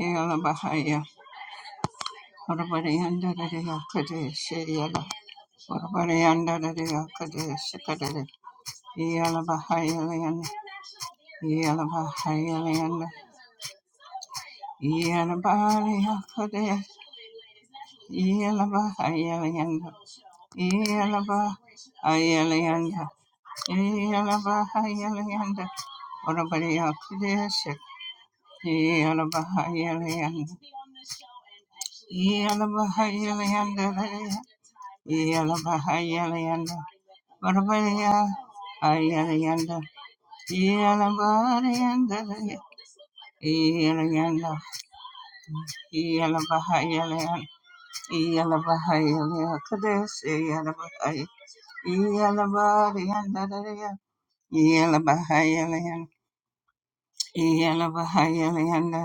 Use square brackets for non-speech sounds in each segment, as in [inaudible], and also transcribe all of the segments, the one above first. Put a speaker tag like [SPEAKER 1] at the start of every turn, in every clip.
[SPEAKER 1] Yala Bahaya, Urabarianda de Yakadesh, Yala, Urabarianda de Yakadesh, Kadere, Yala Bahaya Land, Yala Bahaya Land, Yala Bahaya Kadesh, Yala Bahaya Land, Yala Bahaya Land, Yala Bahaya Land, Urabariya Kadesh, Yala Bahaya Land, Yala Bahaya Land, Yalabahayalayanda Varabaya Ayalayanda Yalabarayanda Yalayanda Yalabahayalayanda Yalabahayalayanda Kadesh Yalabahaya Yalabarayanda Yalabahayalayanda Yalabahayalayanda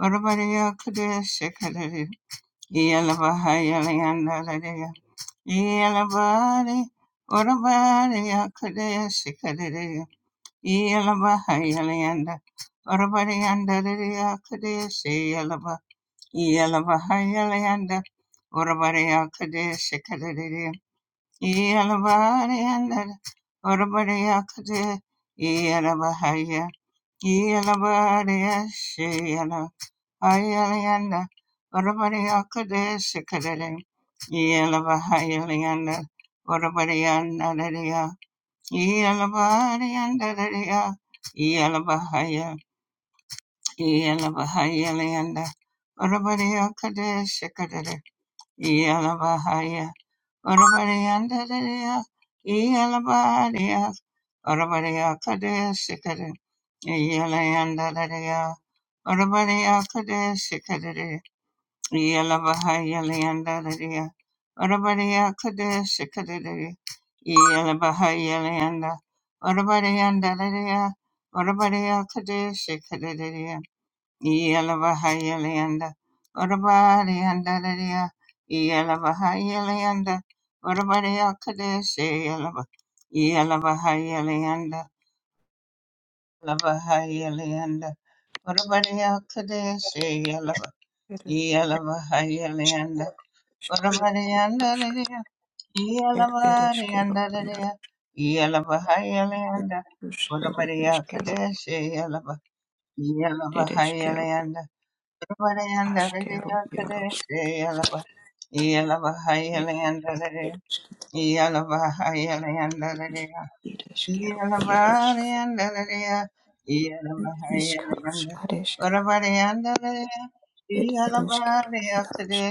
[SPEAKER 1] Varabaya Kadesh Kadari Yalabahayalayanda Yalabari, Urabari, Akadesi, Kadiri, Yalabahayalayanda, Urabari, Andari, Akadesi, Yalaba, Yalabahayalayanda, Urabari, Akadesi, Kadiri, Yalabari, Andari, Urabari, Akadesi, Yalabahaya, Yalabari, Ayala, Urabariya Kadesh Kadalin, Yelavahayalayanda, Urabarianda Daria, Yelavarianda Daria, Yelavahaya, Yelavahayalayanda, Urabariya Kadesh Kadalin, Yelavahaya, Urabarianda Daria, Yelavariya, Urabariya Kadesh Kadalin, Yelayanda Daria, Urabariya Kadesh Yalabahayalayandadadaya. Orabadaya Kadesh Kadadaya. Yalabahayalayanda. Orabadayandadadaya. Orabadaya Kadesh Kadadaya. Yalabahayalayanda. Orabadayandadadaya. Yalabahayalayanda. Orabadaya Kadesh Yalaba. Yalabahayalayanda. Yalabahayalayanda. Orabadaya Kadesh Yalaba.
[SPEAKER 2] Ere
[SPEAKER 1] Yalabahayalayanda. Yalaba,
[SPEAKER 2] eskeros, ed ereskero, iaro eskus, ere eskero, ed eskero, askero, iaros, ed ereskit, id eskero, iaros, iskarus, areskero, ed ereskero, iaros,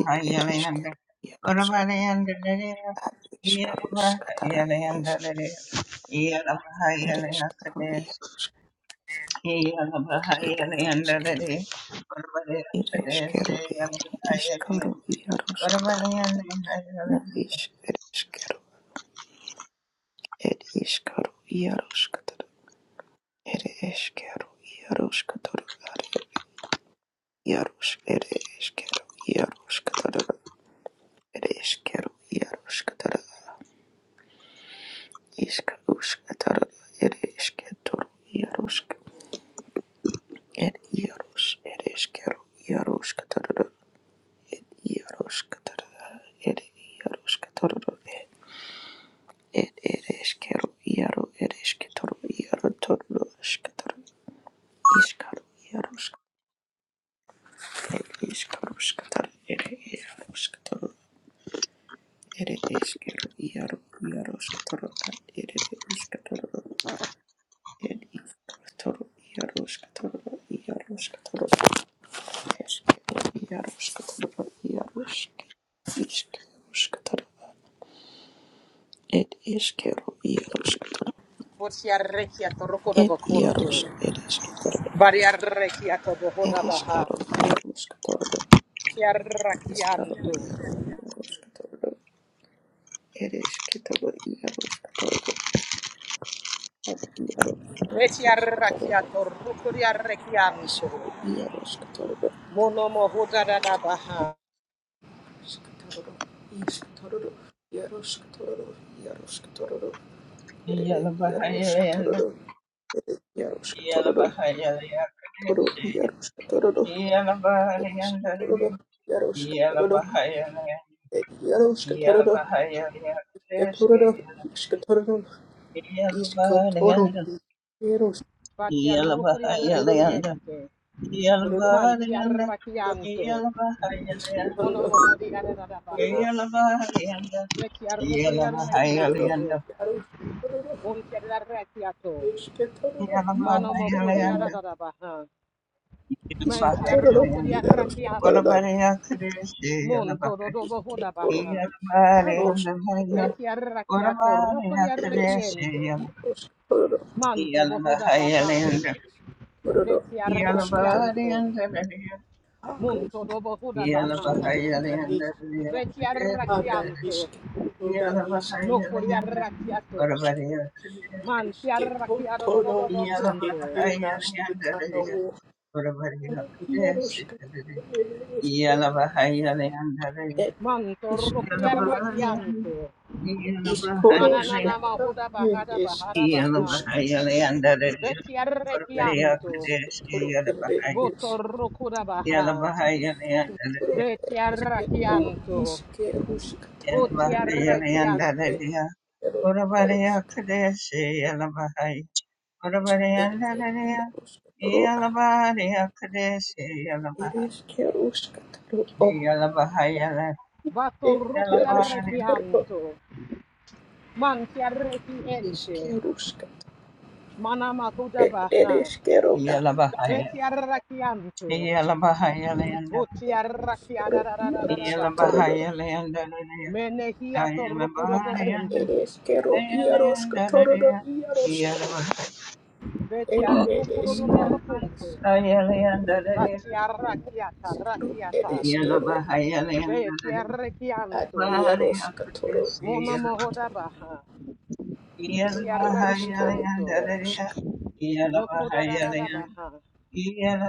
[SPEAKER 2] id ereskero, iaros,
[SPEAKER 1] Uramalayandalaya,
[SPEAKER 2] ad iskarus, katara, eres,
[SPEAKER 1] Yaramahayalayandalaya,
[SPEAKER 2] ereskero,
[SPEAKER 1] Yaramahayalayakadesi,
[SPEAKER 2] iaros, ed ereskero,
[SPEAKER 1] Yaramahayalayandalaya,
[SPEAKER 2] id
[SPEAKER 1] Uramalayakadesi,
[SPEAKER 2] eskero, iskaro,
[SPEAKER 1] Yaramahayalayanda,
[SPEAKER 2] iaros, katara, na
[SPEAKER 1] Uramalayandalayalayanda,
[SPEAKER 2] is ereskero. Ed ishkaro iaroshkatoro. Ere eshkero iaroshkatoro. Are iarosh. Ere eshkero iaroshkatoro. Ere eshkero iaroshkatoro. Ishkaroshkatoro. Ere eshketoro iaroshk. Ed iarosh. Ere eshkero iaroshkatoro. Iaroshkatoro. Ere iaroshkatoro. Ed ere eshkero iaro ere eshketoro iaro toro eshkatoro. El iskaruskatara ere iaruskatara ere eskeru iaru iaruskatara ere iskatara el iskatara iaruskatara iaruskatara eskeru iaruskatara iarusk iskeruskatara el eskeru iaruskatara el iarusk ere eskatara Ab iaro ere eskitoro, iskru iaro skitoro, skitoro, iskitoro, iaro skitoro, iaro skitoro, ere iaro
[SPEAKER 1] Yaramahayalayanda,
[SPEAKER 2] skitoro, ere iaro skitoro, toro
[SPEAKER 1] Yaramahayalayakadesi,
[SPEAKER 2] iaro skitoro, ere skitoro,
[SPEAKER 1] Yaramahayalayandalaya,
[SPEAKER 2] iaro skitoro,
[SPEAKER 1] Yaramahayalayanda,
[SPEAKER 2] ere iaro skitoro, skitoro, skitoro, iskitoro, iaro skitoro, toro, toro, iskitoro,
[SPEAKER 1] Yaramahayalayakadesi, Yelabahayalanda, Yelabahayalanda, Yelabahayalanda,
[SPEAKER 2] toro,
[SPEAKER 1] Yelabahayalanda,
[SPEAKER 2] skitoro,
[SPEAKER 1] Yelabahayalanda,
[SPEAKER 2] iaro skitoro, しけたらら、よろしけたらら、
[SPEAKER 1] Yelabahayalanda,
[SPEAKER 2] いしけたらら、よ
[SPEAKER 1] Yelabahayalanda.
[SPEAKER 2] ろしけた
[SPEAKER 1] What
[SPEAKER 2] らら、
[SPEAKER 1] about the Akadeshi? Yelabahayalanda,
[SPEAKER 2] いしけとろ、たろしけたら
[SPEAKER 1] Yelabahayalanda. What about the
[SPEAKER 2] いれしけ
[SPEAKER 1] Akadeshi?
[SPEAKER 2] とろ、よろしけたらら、
[SPEAKER 1] Yelabahayalanda,
[SPEAKER 2] え
[SPEAKER 1] Yelabahayalanda,
[SPEAKER 2] たらら、よろしけたらたろしけとろしけたらなにしけとろしけたら
[SPEAKER 1] Yelabahayalanda.
[SPEAKER 2] いしけとろないしけとろし
[SPEAKER 1] Yalabahayalayanda, Varavaryakadesi,
[SPEAKER 2] しけととろいしけてなしてたのを、
[SPEAKER 1] Yalavahayalayandalaya,
[SPEAKER 2] よろ
[SPEAKER 1] Varavaryakadesi,
[SPEAKER 2] しけたらえれしけ
[SPEAKER 1] Yalavahayalayandalaya, Yalavahayalayanda,
[SPEAKER 2] え、いしけとろらイスコロスケ
[SPEAKER 1] Yalavahayalayanda,
[SPEAKER 2] タメです。イスケルスケタ
[SPEAKER 1] Yalavahayalayandalaya,
[SPEAKER 2] メです。イス
[SPEAKER 1] Varavaryakadesi,
[SPEAKER 2] コロエレ
[SPEAKER 1] Yalavahaya-
[SPEAKER 2] です。イスコロ
[SPEAKER 1] Yalavahayalayandalaya,
[SPEAKER 2] です。イスコロイスケルスケタメです。エレ
[SPEAKER 1] Yalavahayalayandalaya,
[SPEAKER 2] イアロスケ
[SPEAKER 1] Varavaryakadesi, Yalavahaya.
[SPEAKER 2] エレイア
[SPEAKER 1] Orabariyandarariya,
[SPEAKER 2] ロスケロア
[SPEAKER 1] Iyalabariya Kadeshi
[SPEAKER 2] エレ
[SPEAKER 1] Yalamaha,
[SPEAKER 2] スケロスケタロオ
[SPEAKER 1] Iyalabahayala,
[SPEAKER 2] エイアロスケ
[SPEAKER 1] Iyalabari,
[SPEAKER 2] トロイアロスケトロロアエレスケロイ
[SPEAKER 1] Iyalabahaya, Iyalabahayalayanda, Iyalabahayalayandariya, Ayalabariyanda,
[SPEAKER 2] アロスケトロロ
[SPEAKER 1] Ayalayandariya,
[SPEAKER 2] イアロスケ
[SPEAKER 1] Iyalabaha-
[SPEAKER 2] El Eresquero,
[SPEAKER 1] Iyalabahayalayandariya,
[SPEAKER 2] Isquero, Eresquero,
[SPEAKER 1] Iyalabahayalayandariya,
[SPEAKER 2] Ad
[SPEAKER 1] Bariya
[SPEAKER 2] iaroskatoro
[SPEAKER 1] Kadeshi
[SPEAKER 2] iskero er
[SPEAKER 1] Yalamaha,
[SPEAKER 2] Isquetoro,
[SPEAKER 1] Iyalabahayalayandariya,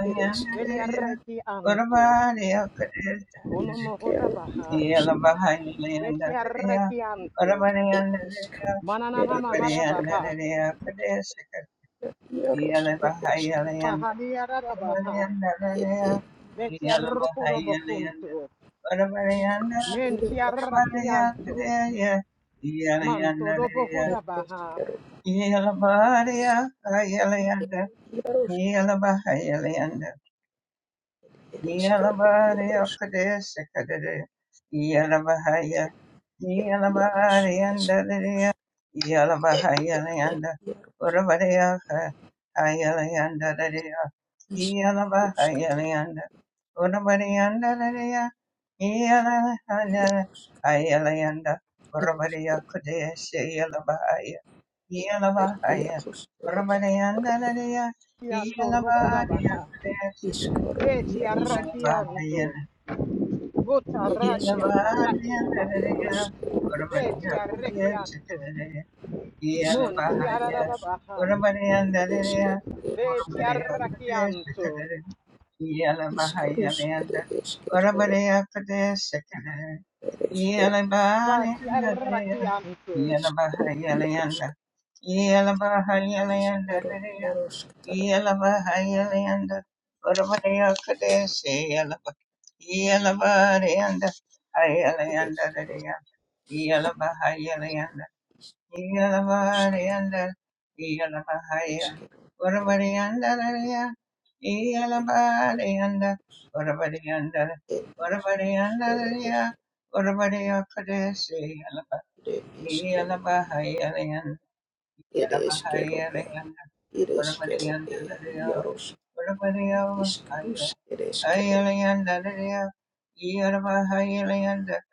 [SPEAKER 2] El Eresquero, er Eresquero, El Arisquero, Iarosca, El er Eresquero, El Iaros, Eresqueto, El Eroscato, Isqueros, Eresquero, El Esquero, El Iaros, Eresquero,
[SPEAKER 1] Yalabari
[SPEAKER 2] Iarosca,
[SPEAKER 1] Okadesh kadere
[SPEAKER 2] El Iaros, Esqueros, El Iaros, Isqueros, Ereshkigal, Yarosk, Ereshkigal, Ishkaro, Yarosk,
[SPEAKER 1] Yeah, Yeah.
[SPEAKER 2] Ereshkigal, Yarosk, Ereshkigal, Ishkaro, Yarosk, Ereshkigal, Ereshkigal, Ishkaros, Ereshkigal, Ereshkigal,
[SPEAKER 1] Yellow,
[SPEAKER 2] Ishkaro, Yarosk, Ishkaro, Yarosk, Tara, Ereshkigal, Yarosk, Ereshkigal, Yarosk, Ereshkigal,
[SPEAKER 1] Iyalabariandar, Iyalabahaya, Urabariandararia, Iyalabariandar, Urabariandar, Urabariandararia, Urabariakadesi, Iyalaba-
[SPEAKER 2] Ereshkigal, Ereshkigal,
[SPEAKER 1] Iyalabahayarian,
[SPEAKER 2] Ereshkigal,
[SPEAKER 1] Iyalabahayariandar,
[SPEAKER 2] ereshkigal, er
[SPEAKER 1] Urabariandararia,
[SPEAKER 2] yarosh,
[SPEAKER 1] Urabariahaya,
[SPEAKER 2] ishkarush, ereshkigal,
[SPEAKER 1] Ayariandararia, Iyalabahayariandar,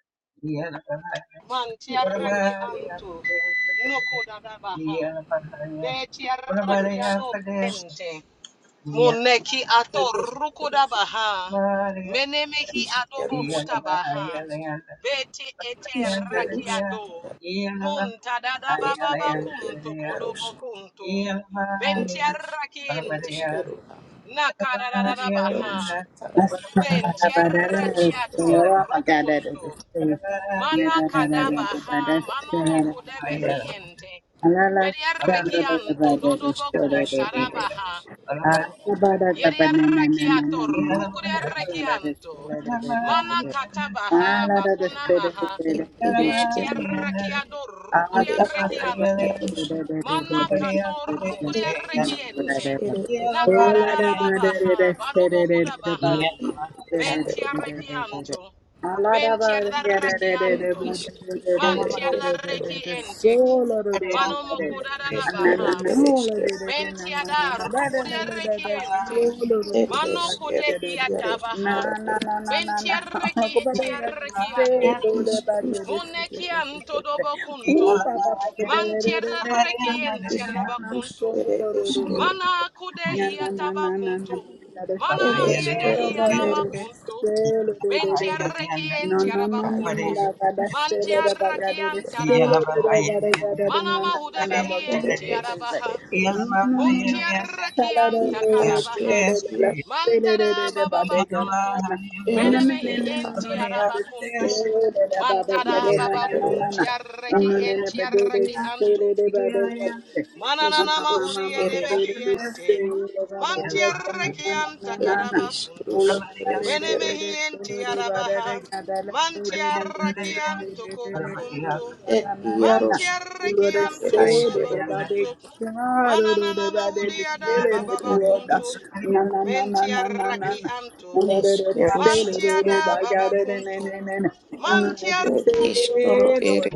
[SPEAKER 1] Iyalabahaya,
[SPEAKER 2] ishkaru, ereshkigal,
[SPEAKER 1] Urabariakadesi, Iyalabahayalianda, yeah.
[SPEAKER 2] ereshkirush, ereshkirush, ishkarush, ishkarush, tara, ereshkigal, er yarosh, er ish, ereshkigal, ishkarush, tara, ereshkigal, ereshkigal, er iskerus
[SPEAKER 3] Altyazı
[SPEAKER 2] ereshkigal, ereshkigal, iskerus
[SPEAKER 1] Yeah.
[SPEAKER 2] er ereshkigal, ereshkigal, yarosh, Ed iskus ere esquero id ed eskero, a ed iskus ere esquero ed esquero ed eskero, ed eskero,
[SPEAKER 3] Solo
[SPEAKER 2] iaros
[SPEAKER 3] Na
[SPEAKER 2] katara
[SPEAKER 3] na
[SPEAKER 2] ed,
[SPEAKER 3] na na na na. [laughs] Ako ba daw yung say,
[SPEAKER 2] ed
[SPEAKER 3] do do da do
[SPEAKER 2] iskus
[SPEAKER 3] do si
[SPEAKER 2] ere
[SPEAKER 3] si si si
[SPEAKER 2] eskero,
[SPEAKER 3] si si. Ooh, pa pa pa ba de da da da da Na da na na na na
[SPEAKER 2] iskus
[SPEAKER 3] so
[SPEAKER 2] ere
[SPEAKER 3] do do do do.
[SPEAKER 2] eskero,
[SPEAKER 3] Na na na na na na da da do
[SPEAKER 2] ed
[SPEAKER 3] do do
[SPEAKER 2] eskero,
[SPEAKER 3] ba da do do
[SPEAKER 2] iaros,
[SPEAKER 3] say do do do do do. No no no
[SPEAKER 2] ad
[SPEAKER 3] no no da da da
[SPEAKER 2] iskus
[SPEAKER 3] say do
[SPEAKER 2] ere
[SPEAKER 3] da ba
[SPEAKER 2] esquero
[SPEAKER 3] da do do
[SPEAKER 2] iaros,
[SPEAKER 3] say
[SPEAKER 1] Yeah,
[SPEAKER 3] do do da da da da ga da na na na na ba ba da
[SPEAKER 2] ere
[SPEAKER 3] say say.
[SPEAKER 2] eskero, ed,
[SPEAKER 3] No no no no no. no. Thank
[SPEAKER 2] id askero, iaros, ed eskero, ad, id eskero, ad, Iskrus ereskero, et iskrus ereskero,
[SPEAKER 3] you.
[SPEAKER 2] et iaruska ereskero,
[SPEAKER 1] Yeah.
[SPEAKER 2] ne ere isk, neskeruska, et iskoro ere,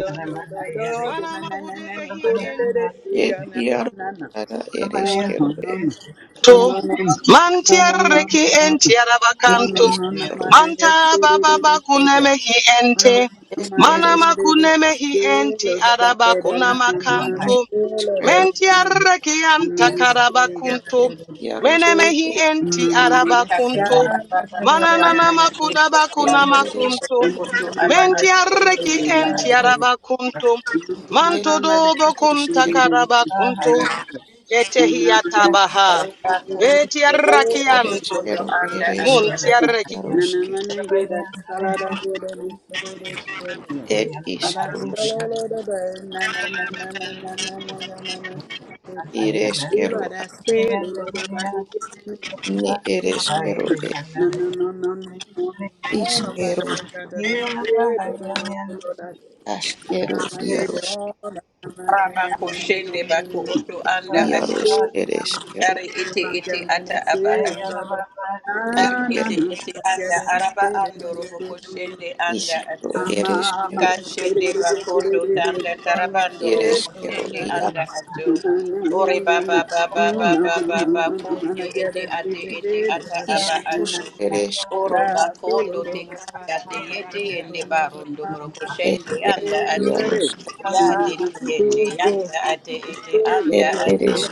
[SPEAKER 2] et iaruska ereskero, et,
[SPEAKER 4] to mantierreki
[SPEAKER 2] et
[SPEAKER 4] entiarabakanto
[SPEAKER 2] iskoro,
[SPEAKER 4] manta bababa kunemehi
[SPEAKER 3] the
[SPEAKER 4] ente
[SPEAKER 2] et
[SPEAKER 4] manama
[SPEAKER 3] the
[SPEAKER 2] ereskero,
[SPEAKER 4] kunemehi enti
[SPEAKER 3] of the
[SPEAKER 4] araba
[SPEAKER 3] Badadala Nana
[SPEAKER 2] ne
[SPEAKER 4] kunamakanto
[SPEAKER 3] skill of the
[SPEAKER 2] iskero,
[SPEAKER 3] Dana
[SPEAKER 4] mentiarreki
[SPEAKER 3] Namaste,
[SPEAKER 4] antakarabakunto
[SPEAKER 2] et
[SPEAKER 3] Gabriel
[SPEAKER 2] iaruska,
[SPEAKER 4] menemehi enti
[SPEAKER 3] Mamma
[SPEAKER 4] arabakunto
[SPEAKER 3] Sala and
[SPEAKER 4] manananama
[SPEAKER 3] Nana
[SPEAKER 4] kudaba
[SPEAKER 2] et eres,
[SPEAKER 4] kunamakunto
[SPEAKER 3] skill of
[SPEAKER 4] mentiarreki
[SPEAKER 5] Rabakushende
[SPEAKER 3] the
[SPEAKER 4] entiarabakunto
[SPEAKER 3] Oh Lord, I said, oh
[SPEAKER 2] et
[SPEAKER 3] Lord,
[SPEAKER 2] iskrus ereskero, ereskero, iaruske, et iskruska. Ireskeru
[SPEAKER 3] about the
[SPEAKER 2] ne ereskeru e-
[SPEAKER 3] no, no, no, no, no, no, no, about
[SPEAKER 2] iskeru
[SPEAKER 3] the God of the
[SPEAKER 1] Yeah.
[SPEAKER 3] Spirit, oh Lord,
[SPEAKER 2] askeru
[SPEAKER 3] I'm not here at
[SPEAKER 2] iaros
[SPEAKER 3] all. I'm not here, here, here, here,
[SPEAKER 5] baku
[SPEAKER 3] here.
[SPEAKER 5] oto
[SPEAKER 3] I'm
[SPEAKER 5] anda ato
[SPEAKER 2] iaros ereskeru
[SPEAKER 5] ari ete ete ata aba ato ari
[SPEAKER 2] eskeru
[SPEAKER 5] ete ete
[SPEAKER 3] not here.
[SPEAKER 5] anda araba ando
[SPEAKER 3] I'm
[SPEAKER 5] robo
[SPEAKER 3] not here.
[SPEAKER 5] kushende anda
[SPEAKER 2] iskeru
[SPEAKER 5] ato
[SPEAKER 3] Solo,
[SPEAKER 2] ereskeru
[SPEAKER 5] Kashende bakondo tanda tarabando robo
[SPEAKER 2] ereskeru
[SPEAKER 5] kushende
[SPEAKER 2] iar
[SPEAKER 5] anda ato. Ore baba baba baba baba kote ete ate ete ata aba
[SPEAKER 2] iskus
[SPEAKER 5] ato.
[SPEAKER 2] ereskeru
[SPEAKER 5] Oro bakondo te kanda te yete yende barondo boro kushende
[SPEAKER 2] eskeru
[SPEAKER 5] anda ato.
[SPEAKER 2] iaros
[SPEAKER 5] Ya de te yende
[SPEAKER 3] solo,
[SPEAKER 5] yanda ate ete
[SPEAKER 2] er
[SPEAKER 5] anda ato.
[SPEAKER 2] eres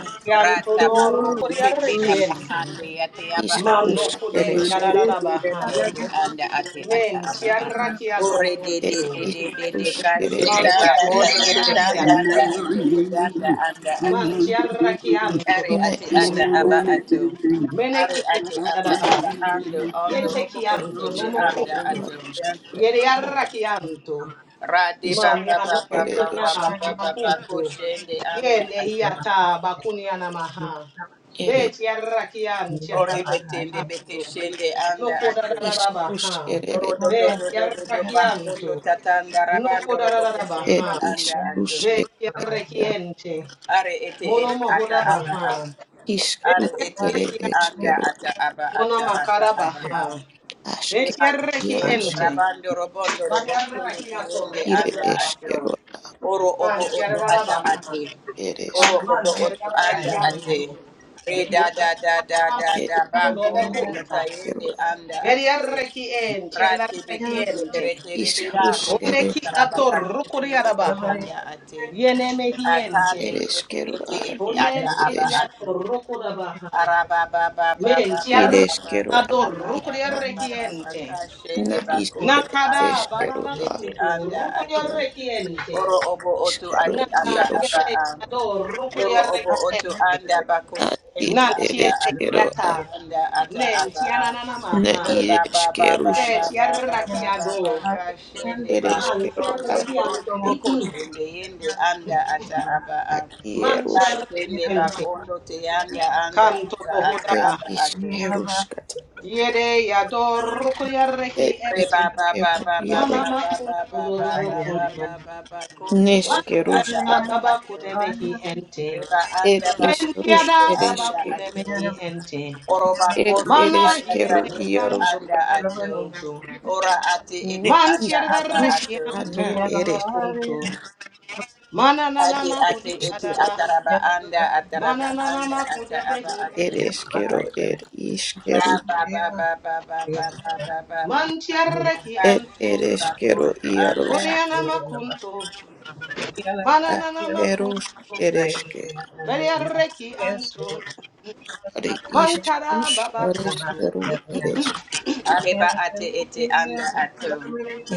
[SPEAKER 5] Rata bako shete da bahande yate aba ando.
[SPEAKER 2] iskus
[SPEAKER 5] Rondo robo
[SPEAKER 2] ereskeru
[SPEAKER 3] solo,
[SPEAKER 5] kushende anda ate
[SPEAKER 3] solo,
[SPEAKER 5] ata aba
[SPEAKER 3] Good
[SPEAKER 5] ato. Ore de
[SPEAKER 2] er
[SPEAKER 5] de de de de de
[SPEAKER 2] iskus ere
[SPEAKER 5] kashende
[SPEAKER 2] eskeru
[SPEAKER 5] bakondo sitanda tayende tuyanda anda ate. Are
[SPEAKER 2] ne
[SPEAKER 5] ate ata aba
[SPEAKER 2] iskeru
[SPEAKER 5] ato. Are ate ata aba ando ondo robo koshende
[SPEAKER 2] ereskeru
[SPEAKER 5] anda
[SPEAKER 2] iar
[SPEAKER 5] ato. Rade
[SPEAKER 2] isk
[SPEAKER 5] baba baba
[SPEAKER 2] ere
[SPEAKER 5] baba
[SPEAKER 2] es
[SPEAKER 5] baba baba koshende anda ato.
[SPEAKER 2] ere
[SPEAKER 5] Ore betende bete shende anda ato. Oro do do do do do do bakondo tatanda rabando robo
[SPEAKER 2] ed
[SPEAKER 5] koshende anda
[SPEAKER 2] iskrus
[SPEAKER 5] ato.
[SPEAKER 2] ed eskero
[SPEAKER 5] Are ete ete ata aba a. Are
[SPEAKER 2] iskrus
[SPEAKER 5] ete
[SPEAKER 2] ere
[SPEAKER 5] ete anda
[SPEAKER 2] eskero
[SPEAKER 5] ata aba ata ata aba a.
[SPEAKER 2] aske
[SPEAKER 5] De
[SPEAKER 2] iaros
[SPEAKER 5] patente rabando robondo robondo tiende
[SPEAKER 2] ire
[SPEAKER 5] anda ato.
[SPEAKER 2] eskero
[SPEAKER 5] Oro obo oto ata ate.
[SPEAKER 2] eres
[SPEAKER 5] Oro obo oto anda
[SPEAKER 1] Yeah.
[SPEAKER 5] ate. Re
[SPEAKER 1] Yeah.
[SPEAKER 5] da da da da
[SPEAKER 1] I
[SPEAKER 5] da
[SPEAKER 1] think
[SPEAKER 5] da
[SPEAKER 1] I can
[SPEAKER 5] ba
[SPEAKER 1] be good,
[SPEAKER 5] kundo
[SPEAKER 1] yeah.
[SPEAKER 5] tata
[SPEAKER 2] eskero
[SPEAKER 5] yende anda ate. Rati
[SPEAKER 1] Yeah,
[SPEAKER 5] bekende perete rebira
[SPEAKER 2] iskrus ere
[SPEAKER 5] robondo
[SPEAKER 1] uh,
[SPEAKER 2] eskero
[SPEAKER 5] karabakashi tiende
[SPEAKER 1] whatever it is, uh,
[SPEAKER 5] anda ate. Aka
[SPEAKER 2] ere
[SPEAKER 5] teke te
[SPEAKER 2] eskero
[SPEAKER 5] ete
[SPEAKER 2] ad
[SPEAKER 5] ete
[SPEAKER 1] yeah,
[SPEAKER 5] ata aba
[SPEAKER 2] ires
[SPEAKER 1] yeah.
[SPEAKER 5] ato.
[SPEAKER 1] Okay, whatever it is,
[SPEAKER 5] Araba ba ba
[SPEAKER 1] uh,
[SPEAKER 5] ba ba ba ba
[SPEAKER 2] ire
[SPEAKER 1] yeah,
[SPEAKER 5] ba
[SPEAKER 2] eskero
[SPEAKER 5] ba
[SPEAKER 2] ad
[SPEAKER 5] ba ba ba
[SPEAKER 1] whatever
[SPEAKER 5] ba ba ba ba ka
[SPEAKER 2] na is
[SPEAKER 5] bakondo
[SPEAKER 2] ed
[SPEAKER 5] anda
[SPEAKER 1] it is,
[SPEAKER 2] eskero
[SPEAKER 5] ate
[SPEAKER 1] yeah.
[SPEAKER 2] ad
[SPEAKER 5] ete anda ato.
[SPEAKER 1] [laughs] Uh, yeah,
[SPEAKER 5] Oro obo oto
[SPEAKER 2] iskaro
[SPEAKER 5] ate ata
[SPEAKER 1] uh, yeah, uh,
[SPEAKER 2] iaros
[SPEAKER 5] aba a. Oro
[SPEAKER 1] whatever it
[SPEAKER 5] obo oto anda
[SPEAKER 1] is,
[SPEAKER 5] bako
[SPEAKER 2] ad id
[SPEAKER 5] shende
[SPEAKER 2] ere
[SPEAKER 1] uh,
[SPEAKER 5] anda
[SPEAKER 1] yeah. Uh, yeah,
[SPEAKER 5] ate
[SPEAKER 1] uh, yeah. Uh, yeah, uh,
[SPEAKER 2] eskero
[SPEAKER 5] ete
[SPEAKER 2] ad
[SPEAKER 1] yeah.
[SPEAKER 5] anda ata aba a.
[SPEAKER 2] na
[SPEAKER 5] Ore
[SPEAKER 2] ire
[SPEAKER 5] ba ba ba ba
[SPEAKER 2] eskeruska
[SPEAKER 5] ba ba ba
[SPEAKER 1] Yeah,
[SPEAKER 5] ba ba ba ka shende
[SPEAKER 2] ere
[SPEAKER 5] baro
[SPEAKER 2] eskero
[SPEAKER 5] tondo
[SPEAKER 2] ad id
[SPEAKER 5] boroto boko shende yende anda ata aba a. Ka
[SPEAKER 2] ad
[SPEAKER 5] shende bakondo te anda anda ata ata
[SPEAKER 2] Ed
[SPEAKER 5] aba
[SPEAKER 1] uh, yeah. Yeah, uh, yeah.
[SPEAKER 5] ate.
[SPEAKER 1] Yeah,
[SPEAKER 2] iskeruskat, ed
[SPEAKER 5] Re ba
[SPEAKER 1] uh,
[SPEAKER 5] ba ba
[SPEAKER 2] iskero
[SPEAKER 5] ba ba
[SPEAKER 2] iaros,
[SPEAKER 5] ba ba ba ba ba
[SPEAKER 1] yeah.
[SPEAKER 5] ba
[SPEAKER 1] Yeah, uh,
[SPEAKER 5] ba ba
[SPEAKER 1] yeah.
[SPEAKER 5] ba ba ko te ete ata
[SPEAKER 2] neskeruskat,
[SPEAKER 5] aba ato. reba
[SPEAKER 2] ed
[SPEAKER 5] anda
[SPEAKER 2] isrus
[SPEAKER 5] bakushende anda
[SPEAKER 2] ereske,
[SPEAKER 5] ato. Oroba
[SPEAKER 2] ed
[SPEAKER 5] koto tanda
[SPEAKER 2] ereskero
[SPEAKER 5] tayende anda
[SPEAKER 2] iaroskat,
[SPEAKER 5] ato. Ora ate
[SPEAKER 2] ne
[SPEAKER 5] ete ata aba ato.
[SPEAKER 2] isruska na ereska,
[SPEAKER 5] Ate ate ete
[SPEAKER 2] ereskero,
[SPEAKER 5] ataraba anda ataraba anda ata aba ato.
[SPEAKER 2] ereskero, ed
[SPEAKER 5] Ba
[SPEAKER 2] iskerus,
[SPEAKER 5] ba ba ba ba ba ba ba ba ba ba ba ba.
[SPEAKER 2] ed
[SPEAKER 5] Kashende
[SPEAKER 2] ereskero
[SPEAKER 5] bakoto anda
[SPEAKER 2] iaros,
[SPEAKER 5] ato.
[SPEAKER 2] kerus. ereske, are isrus ereskero eres,
[SPEAKER 5] Areba ate ete anda ato.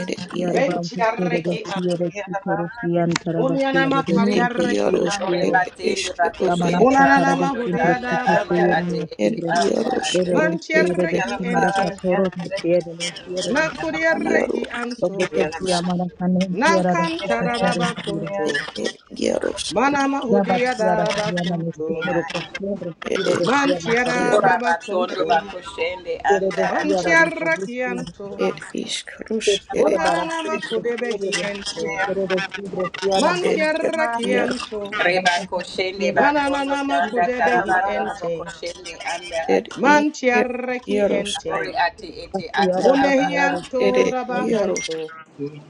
[SPEAKER 2] ed
[SPEAKER 1] Yeah.
[SPEAKER 6] Yarabantu
[SPEAKER 2] iaro,
[SPEAKER 6] Serebe Sire Kitorosian Tarabasia de
[SPEAKER 2] ne
[SPEAKER 6] Sinte Sire
[SPEAKER 2] iaros, ed
[SPEAKER 6] Sire
[SPEAKER 5] Oreba tende
[SPEAKER 2] ereskero
[SPEAKER 5] bakoshende
[SPEAKER 6] Ramanasa
[SPEAKER 5] bakondo
[SPEAKER 6] Tarabasin
[SPEAKER 5] tanda
[SPEAKER 6] Tresito
[SPEAKER 5] anda ate
[SPEAKER 6] Sire
[SPEAKER 2] er
[SPEAKER 5] ete
[SPEAKER 6] Sire
[SPEAKER 5] anda
[SPEAKER 2] Jarosh,
[SPEAKER 5] ato.
[SPEAKER 2] er
[SPEAKER 6] Reveren Sire
[SPEAKER 2] Esker,
[SPEAKER 6] de
[SPEAKER 2] er
[SPEAKER 6] Kimaraka Toro Sire de Sire de Sire
[SPEAKER 2] Jaro,
[SPEAKER 6] Donde Tosia
[SPEAKER 2] Jarosk,
[SPEAKER 6] Maracanen Kiara de Sire Sire Sire
[SPEAKER 2] er er Jarosk,
[SPEAKER 6] Daba Kiara Siana de Sitoro Cosiere
[SPEAKER 2] er
[SPEAKER 6] Sire
[SPEAKER 2] er
[SPEAKER 6] de Siana Faranta
[SPEAKER 5] Ora
[SPEAKER 2] Jarosk,
[SPEAKER 5] batondo bakoshende
[SPEAKER 6] Sire
[SPEAKER 5] anda
[SPEAKER 6] de
[SPEAKER 5] ato.
[SPEAKER 6] Kiara de Sabi Sire
[SPEAKER 2] er Iskrus, er
[SPEAKER 6] Sire Bara Sire Sire de Sire de Sire Siana Hamisi
[SPEAKER 2] Esker, Jaro,
[SPEAKER 5] Reba
[SPEAKER 6] Abasa
[SPEAKER 5] koshende
[SPEAKER 6] Sire
[SPEAKER 5] batondo tanda tarabando robo koshende anda
[SPEAKER 2] er
[SPEAKER 5] ato.
[SPEAKER 2] Isker, Jarosk,
[SPEAKER 5] Ori ati ete ata
[SPEAKER 6] Asiara
[SPEAKER 5] aba
[SPEAKER 6] bajara
[SPEAKER 5] a.
[SPEAKER 6] de su
[SPEAKER 2] er
[SPEAKER 6] presión,
[SPEAKER 2] Jarosk,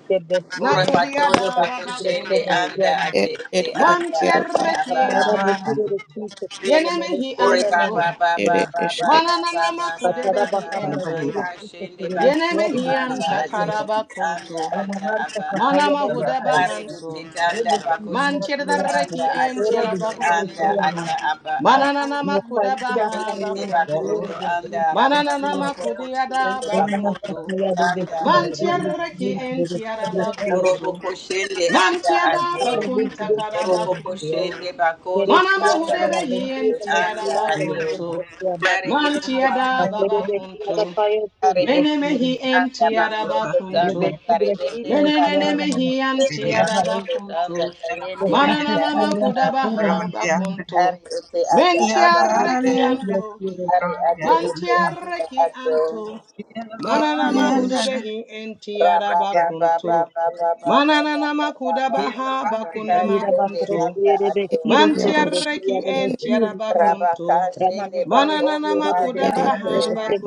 [SPEAKER 6] que
[SPEAKER 5] Ora
[SPEAKER 6] desciende en
[SPEAKER 5] batondo
[SPEAKER 6] tierra de su
[SPEAKER 5] bakoshende
[SPEAKER 6] como
[SPEAKER 1] Yeah.
[SPEAKER 5] anda ate
[SPEAKER 2] er
[SPEAKER 5] ete
[SPEAKER 2] er
[SPEAKER 5] anda
[SPEAKER 2] Esker,
[SPEAKER 5] ata aba a.
[SPEAKER 6] Patara bujire de ti se tierra me
[SPEAKER 5] Ori
[SPEAKER 6] desciende en el
[SPEAKER 5] baba
[SPEAKER 2] er
[SPEAKER 5] baba
[SPEAKER 6] cielo.
[SPEAKER 5] baba
[SPEAKER 2] Esker,
[SPEAKER 5] baba baba
[SPEAKER 6] Patara
[SPEAKER 5] baba
[SPEAKER 6] bajara de
[SPEAKER 5] baba
[SPEAKER 6] ti de ti se
[SPEAKER 5] kashende
[SPEAKER 6] quiere
[SPEAKER 5] batondo
[SPEAKER 6] desciende de
[SPEAKER 5] anda
[SPEAKER 6] ti.
[SPEAKER 5] ate ete anda ata
[SPEAKER 6] Amanar se
[SPEAKER 5] aba a.
[SPEAKER 6] catalla de de ti.
[SPEAKER 5] Ari dute
[SPEAKER 6] O
[SPEAKER 5] tanda
[SPEAKER 6] de ti de ti de
[SPEAKER 5] anda
[SPEAKER 6] ti
[SPEAKER 5] ate
[SPEAKER 6] quiere de
[SPEAKER 5] ete
[SPEAKER 6] ti de
[SPEAKER 5] anda
[SPEAKER 6] ti
[SPEAKER 5] ata
[SPEAKER 6] hermano.
[SPEAKER 5] aba a.
[SPEAKER 6] Me salida
[SPEAKER 5] Ete te
[SPEAKER 6] salida quiere
[SPEAKER 5] bakondo
[SPEAKER 6] de
[SPEAKER 5] anda
[SPEAKER 6] ti de ti.
[SPEAKER 5] rabando robo koshende
[SPEAKER 6] Hermana se
[SPEAKER 5] bakondo
[SPEAKER 6] catalla de de
[SPEAKER 5] tutanda.
[SPEAKER 6] ti de ti de ti de ti
[SPEAKER 5] Orobo koshende anda ato.
[SPEAKER 6] hacer buen
[SPEAKER 5] Orobo
[SPEAKER 6] procedimiento,
[SPEAKER 5] koshende
[SPEAKER 6] pero
[SPEAKER 5] bakondo
[SPEAKER 6] si a un
[SPEAKER 5] anda
[SPEAKER 6] trabajador
[SPEAKER 5] tayende
[SPEAKER 6] se
[SPEAKER 5] anda
[SPEAKER 6] metía
[SPEAKER 5] ato.
[SPEAKER 6] algún problema,
[SPEAKER 5] Ari iti ete
[SPEAKER 6] hacer de que a la caja se
[SPEAKER 5] Kare ete
[SPEAKER 6] produjera,
[SPEAKER 5] ete anda bakondo tanda
[SPEAKER 6] de que
[SPEAKER 5] kare
[SPEAKER 6] gracias a
[SPEAKER 5] bendere
[SPEAKER 6] la cia
[SPEAKER 5] anda
[SPEAKER 6] no
[SPEAKER 5] robo
[SPEAKER 6] más
[SPEAKER 5] koshende
[SPEAKER 6] trabajos
[SPEAKER 5] bakondo tanda
[SPEAKER 6] se
[SPEAKER 5] tayende anda
[SPEAKER 1] Yeah.
[SPEAKER 6] producieran
[SPEAKER 5] ata
[SPEAKER 6] en sus
[SPEAKER 5] aba a.
[SPEAKER 6] manos,
[SPEAKER 1] Yeah.
[SPEAKER 5] Ari ete ata
[SPEAKER 6] de
[SPEAKER 5] aba ato.
[SPEAKER 6] que gracias a la cia
[SPEAKER 5] Ari ate ete anda ato.
[SPEAKER 2] er Jarosk,
[SPEAKER 5] Raba ba ba ba ba ba ba ba ba ba ba ba ba ba ba
[SPEAKER 6] de nuestros manos no
[SPEAKER 5] kashende
[SPEAKER 6] se
[SPEAKER 5] anda
[SPEAKER 6] produjera, de que a través de la
[SPEAKER 2] er
[SPEAKER 5] ato.
[SPEAKER 6] cia de nuestros manos no se produjera,
[SPEAKER 2] Jarosk,
[SPEAKER 6] de que
[SPEAKER 2] er er
[SPEAKER 5] Raba kashende bakodo anda ato.
[SPEAKER 2] Esker,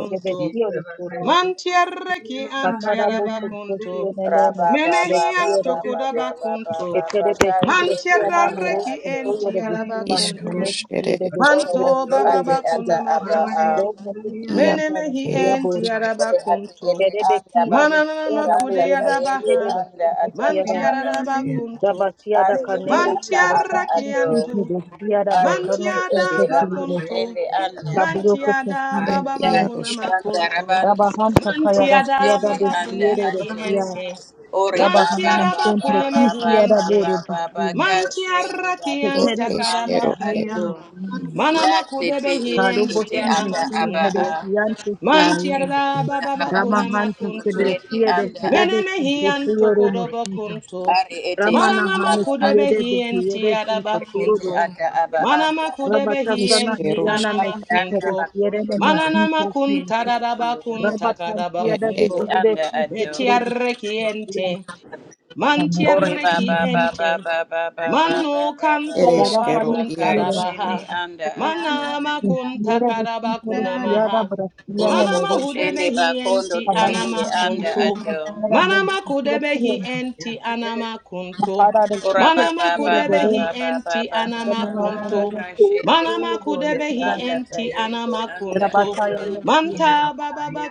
[SPEAKER 5] Raba ba
[SPEAKER 6] a través
[SPEAKER 5] ba ba
[SPEAKER 6] de
[SPEAKER 5] ba ba ba ba ba
[SPEAKER 6] que
[SPEAKER 5] ba ba
[SPEAKER 6] Ketere besi
[SPEAKER 5] kashende
[SPEAKER 6] brestia na
[SPEAKER 5] anda
[SPEAKER 6] moro
[SPEAKER 5] ato.
[SPEAKER 6] konto yere besi manu hune
[SPEAKER 2] Iskrus, er
[SPEAKER 6] yere
[SPEAKER 2] Esker,
[SPEAKER 6] besi
[SPEAKER 5] Oro oto
[SPEAKER 6] brestia yere
[SPEAKER 5] ate
[SPEAKER 6] besi
[SPEAKER 5] ata aba a.
[SPEAKER 6] brestia manu sian
[SPEAKER 2] Jaro, er
[SPEAKER 6] tarastia boru.
[SPEAKER 5] Ore ate ete
[SPEAKER 6] Kere
[SPEAKER 5] anda
[SPEAKER 6] besi harestia
[SPEAKER 5] bakodo
[SPEAKER 6] na
[SPEAKER 5] anda
[SPEAKER 6] moro no
[SPEAKER 5] tayende
[SPEAKER 6] siere
[SPEAKER 5] anda
[SPEAKER 6] resin
[SPEAKER 5] ata
[SPEAKER 6] tasiara.
[SPEAKER 5] aba a.
[SPEAKER 6] Rabasia da
[SPEAKER 5] Ari iti
[SPEAKER 6] canera
[SPEAKER 5] ata
[SPEAKER 6] siere
[SPEAKER 5] aba
[SPEAKER 6] no
[SPEAKER 5] ato.
[SPEAKER 6] sitio brestia da
[SPEAKER 5] Ari
[SPEAKER 6] bahrano
[SPEAKER 5] iti
[SPEAKER 6] sente
[SPEAKER 5] ende baku
[SPEAKER 6] siere.
[SPEAKER 5] ende anda
[SPEAKER 6] Kaburo
[SPEAKER 5] ato.
[SPEAKER 6] kote sin
[SPEAKER 2] er
[SPEAKER 6] resi.
[SPEAKER 5] Dati
[SPEAKER 2] Jarosk, er
[SPEAKER 5] kanda rabando
[SPEAKER 6] Rabahan
[SPEAKER 5] kondo
[SPEAKER 6] takaya
[SPEAKER 5] baku
[SPEAKER 6] rastia da
[SPEAKER 5] ende anda
[SPEAKER 6] desiere
[SPEAKER 5] ato.
[SPEAKER 6] restia.
[SPEAKER 5] Ori
[SPEAKER 6] Rabahana
[SPEAKER 5] baba
[SPEAKER 6] man
[SPEAKER 5] baba
[SPEAKER 6] sempre
[SPEAKER 5] baba
[SPEAKER 6] kishia da
[SPEAKER 5] baba
[SPEAKER 6] boru
[SPEAKER 5] baba
[SPEAKER 6] dusin.
[SPEAKER 5] kashende
[SPEAKER 6] Ketere
[SPEAKER 5] bakondo
[SPEAKER 6] besi
[SPEAKER 5] anda
[SPEAKER 6] takaya
[SPEAKER 5] ato.
[SPEAKER 6] restia.
[SPEAKER 1] Yeah.
[SPEAKER 5] Yati iti iti
[SPEAKER 6] Karubo
[SPEAKER 5] iti ata
[SPEAKER 6] Simresi
[SPEAKER 5] aba a.
[SPEAKER 6] Heresianto
[SPEAKER 5] Ari
[SPEAKER 6] Soroi,
[SPEAKER 5] iti ata aba anda
[SPEAKER 6] Ramahanta
[SPEAKER 5] baku ende
[SPEAKER 6] Sebrekie de
[SPEAKER 5] anda
[SPEAKER 6] Hedebe
[SPEAKER 5] ato.
[SPEAKER 6] Kimposoro Noshitas,
[SPEAKER 5] Ari iti
[SPEAKER 6] Ramana
[SPEAKER 5] ata aba ato.
[SPEAKER 6] Hanekiede de Hiede Kinkotoro
[SPEAKER 5] Ete
[SPEAKER 6] de
[SPEAKER 5] ata
[SPEAKER 6] Sinta,
[SPEAKER 5] aba anda ato.
[SPEAKER 6] Rabatasana
[SPEAKER 2] Iskeros,
[SPEAKER 6] Kiana
[SPEAKER 5] Aba
[SPEAKER 6] Mesi
[SPEAKER 5] danda
[SPEAKER 6] Peresiere
[SPEAKER 5] bakondo
[SPEAKER 6] de
[SPEAKER 5] tanda
[SPEAKER 6] Mehintresian,
[SPEAKER 5] karibende rabando robo.
[SPEAKER 2] er
[SPEAKER 6] Rabatansiada de
[SPEAKER 5] Kusende
[SPEAKER 2] er
[SPEAKER 6] Hiede
[SPEAKER 5] anda ato.
[SPEAKER 6] Kinkotoro de Sian,
[SPEAKER 5] Ore baba
[SPEAKER 6] Samotresian,
[SPEAKER 5] baba baba baba baba baba
[SPEAKER 2] ereskero,
[SPEAKER 5] baba
[SPEAKER 6] Abarahane Siere
[SPEAKER 2] iaros, ed,
[SPEAKER 5] kashende
[SPEAKER 6] Sinta,
[SPEAKER 5] anda ato.
[SPEAKER 6] Siere de Sinta Resiada
[SPEAKER 5] Uro
[SPEAKER 6] Brasian en
[SPEAKER 5] boko
[SPEAKER 6] Eres.
[SPEAKER 5] shende bakondo tuyende
[SPEAKER 6] Abarcina mi
[SPEAKER 5] anda
[SPEAKER 6] simple
[SPEAKER 5] ato.
[SPEAKER 6] cara del futuro cliente. La para de sí
[SPEAKER 5] Ora
[SPEAKER 6] que
[SPEAKER 5] baba baba
[SPEAKER 6] quiere ver él.
[SPEAKER 5] baba baba
[SPEAKER 6] De
[SPEAKER 5] baba
[SPEAKER 6] mañana
[SPEAKER 5] baba
[SPEAKER 6] me deseo
[SPEAKER 5] kashende
[SPEAKER 6] tuyo de
[SPEAKER 5] bakondo
[SPEAKER 6] vestida.
[SPEAKER 5] tanda tayende anda
[SPEAKER 6] Rabataya
[SPEAKER 5] ato.
[SPEAKER 6] me tiene.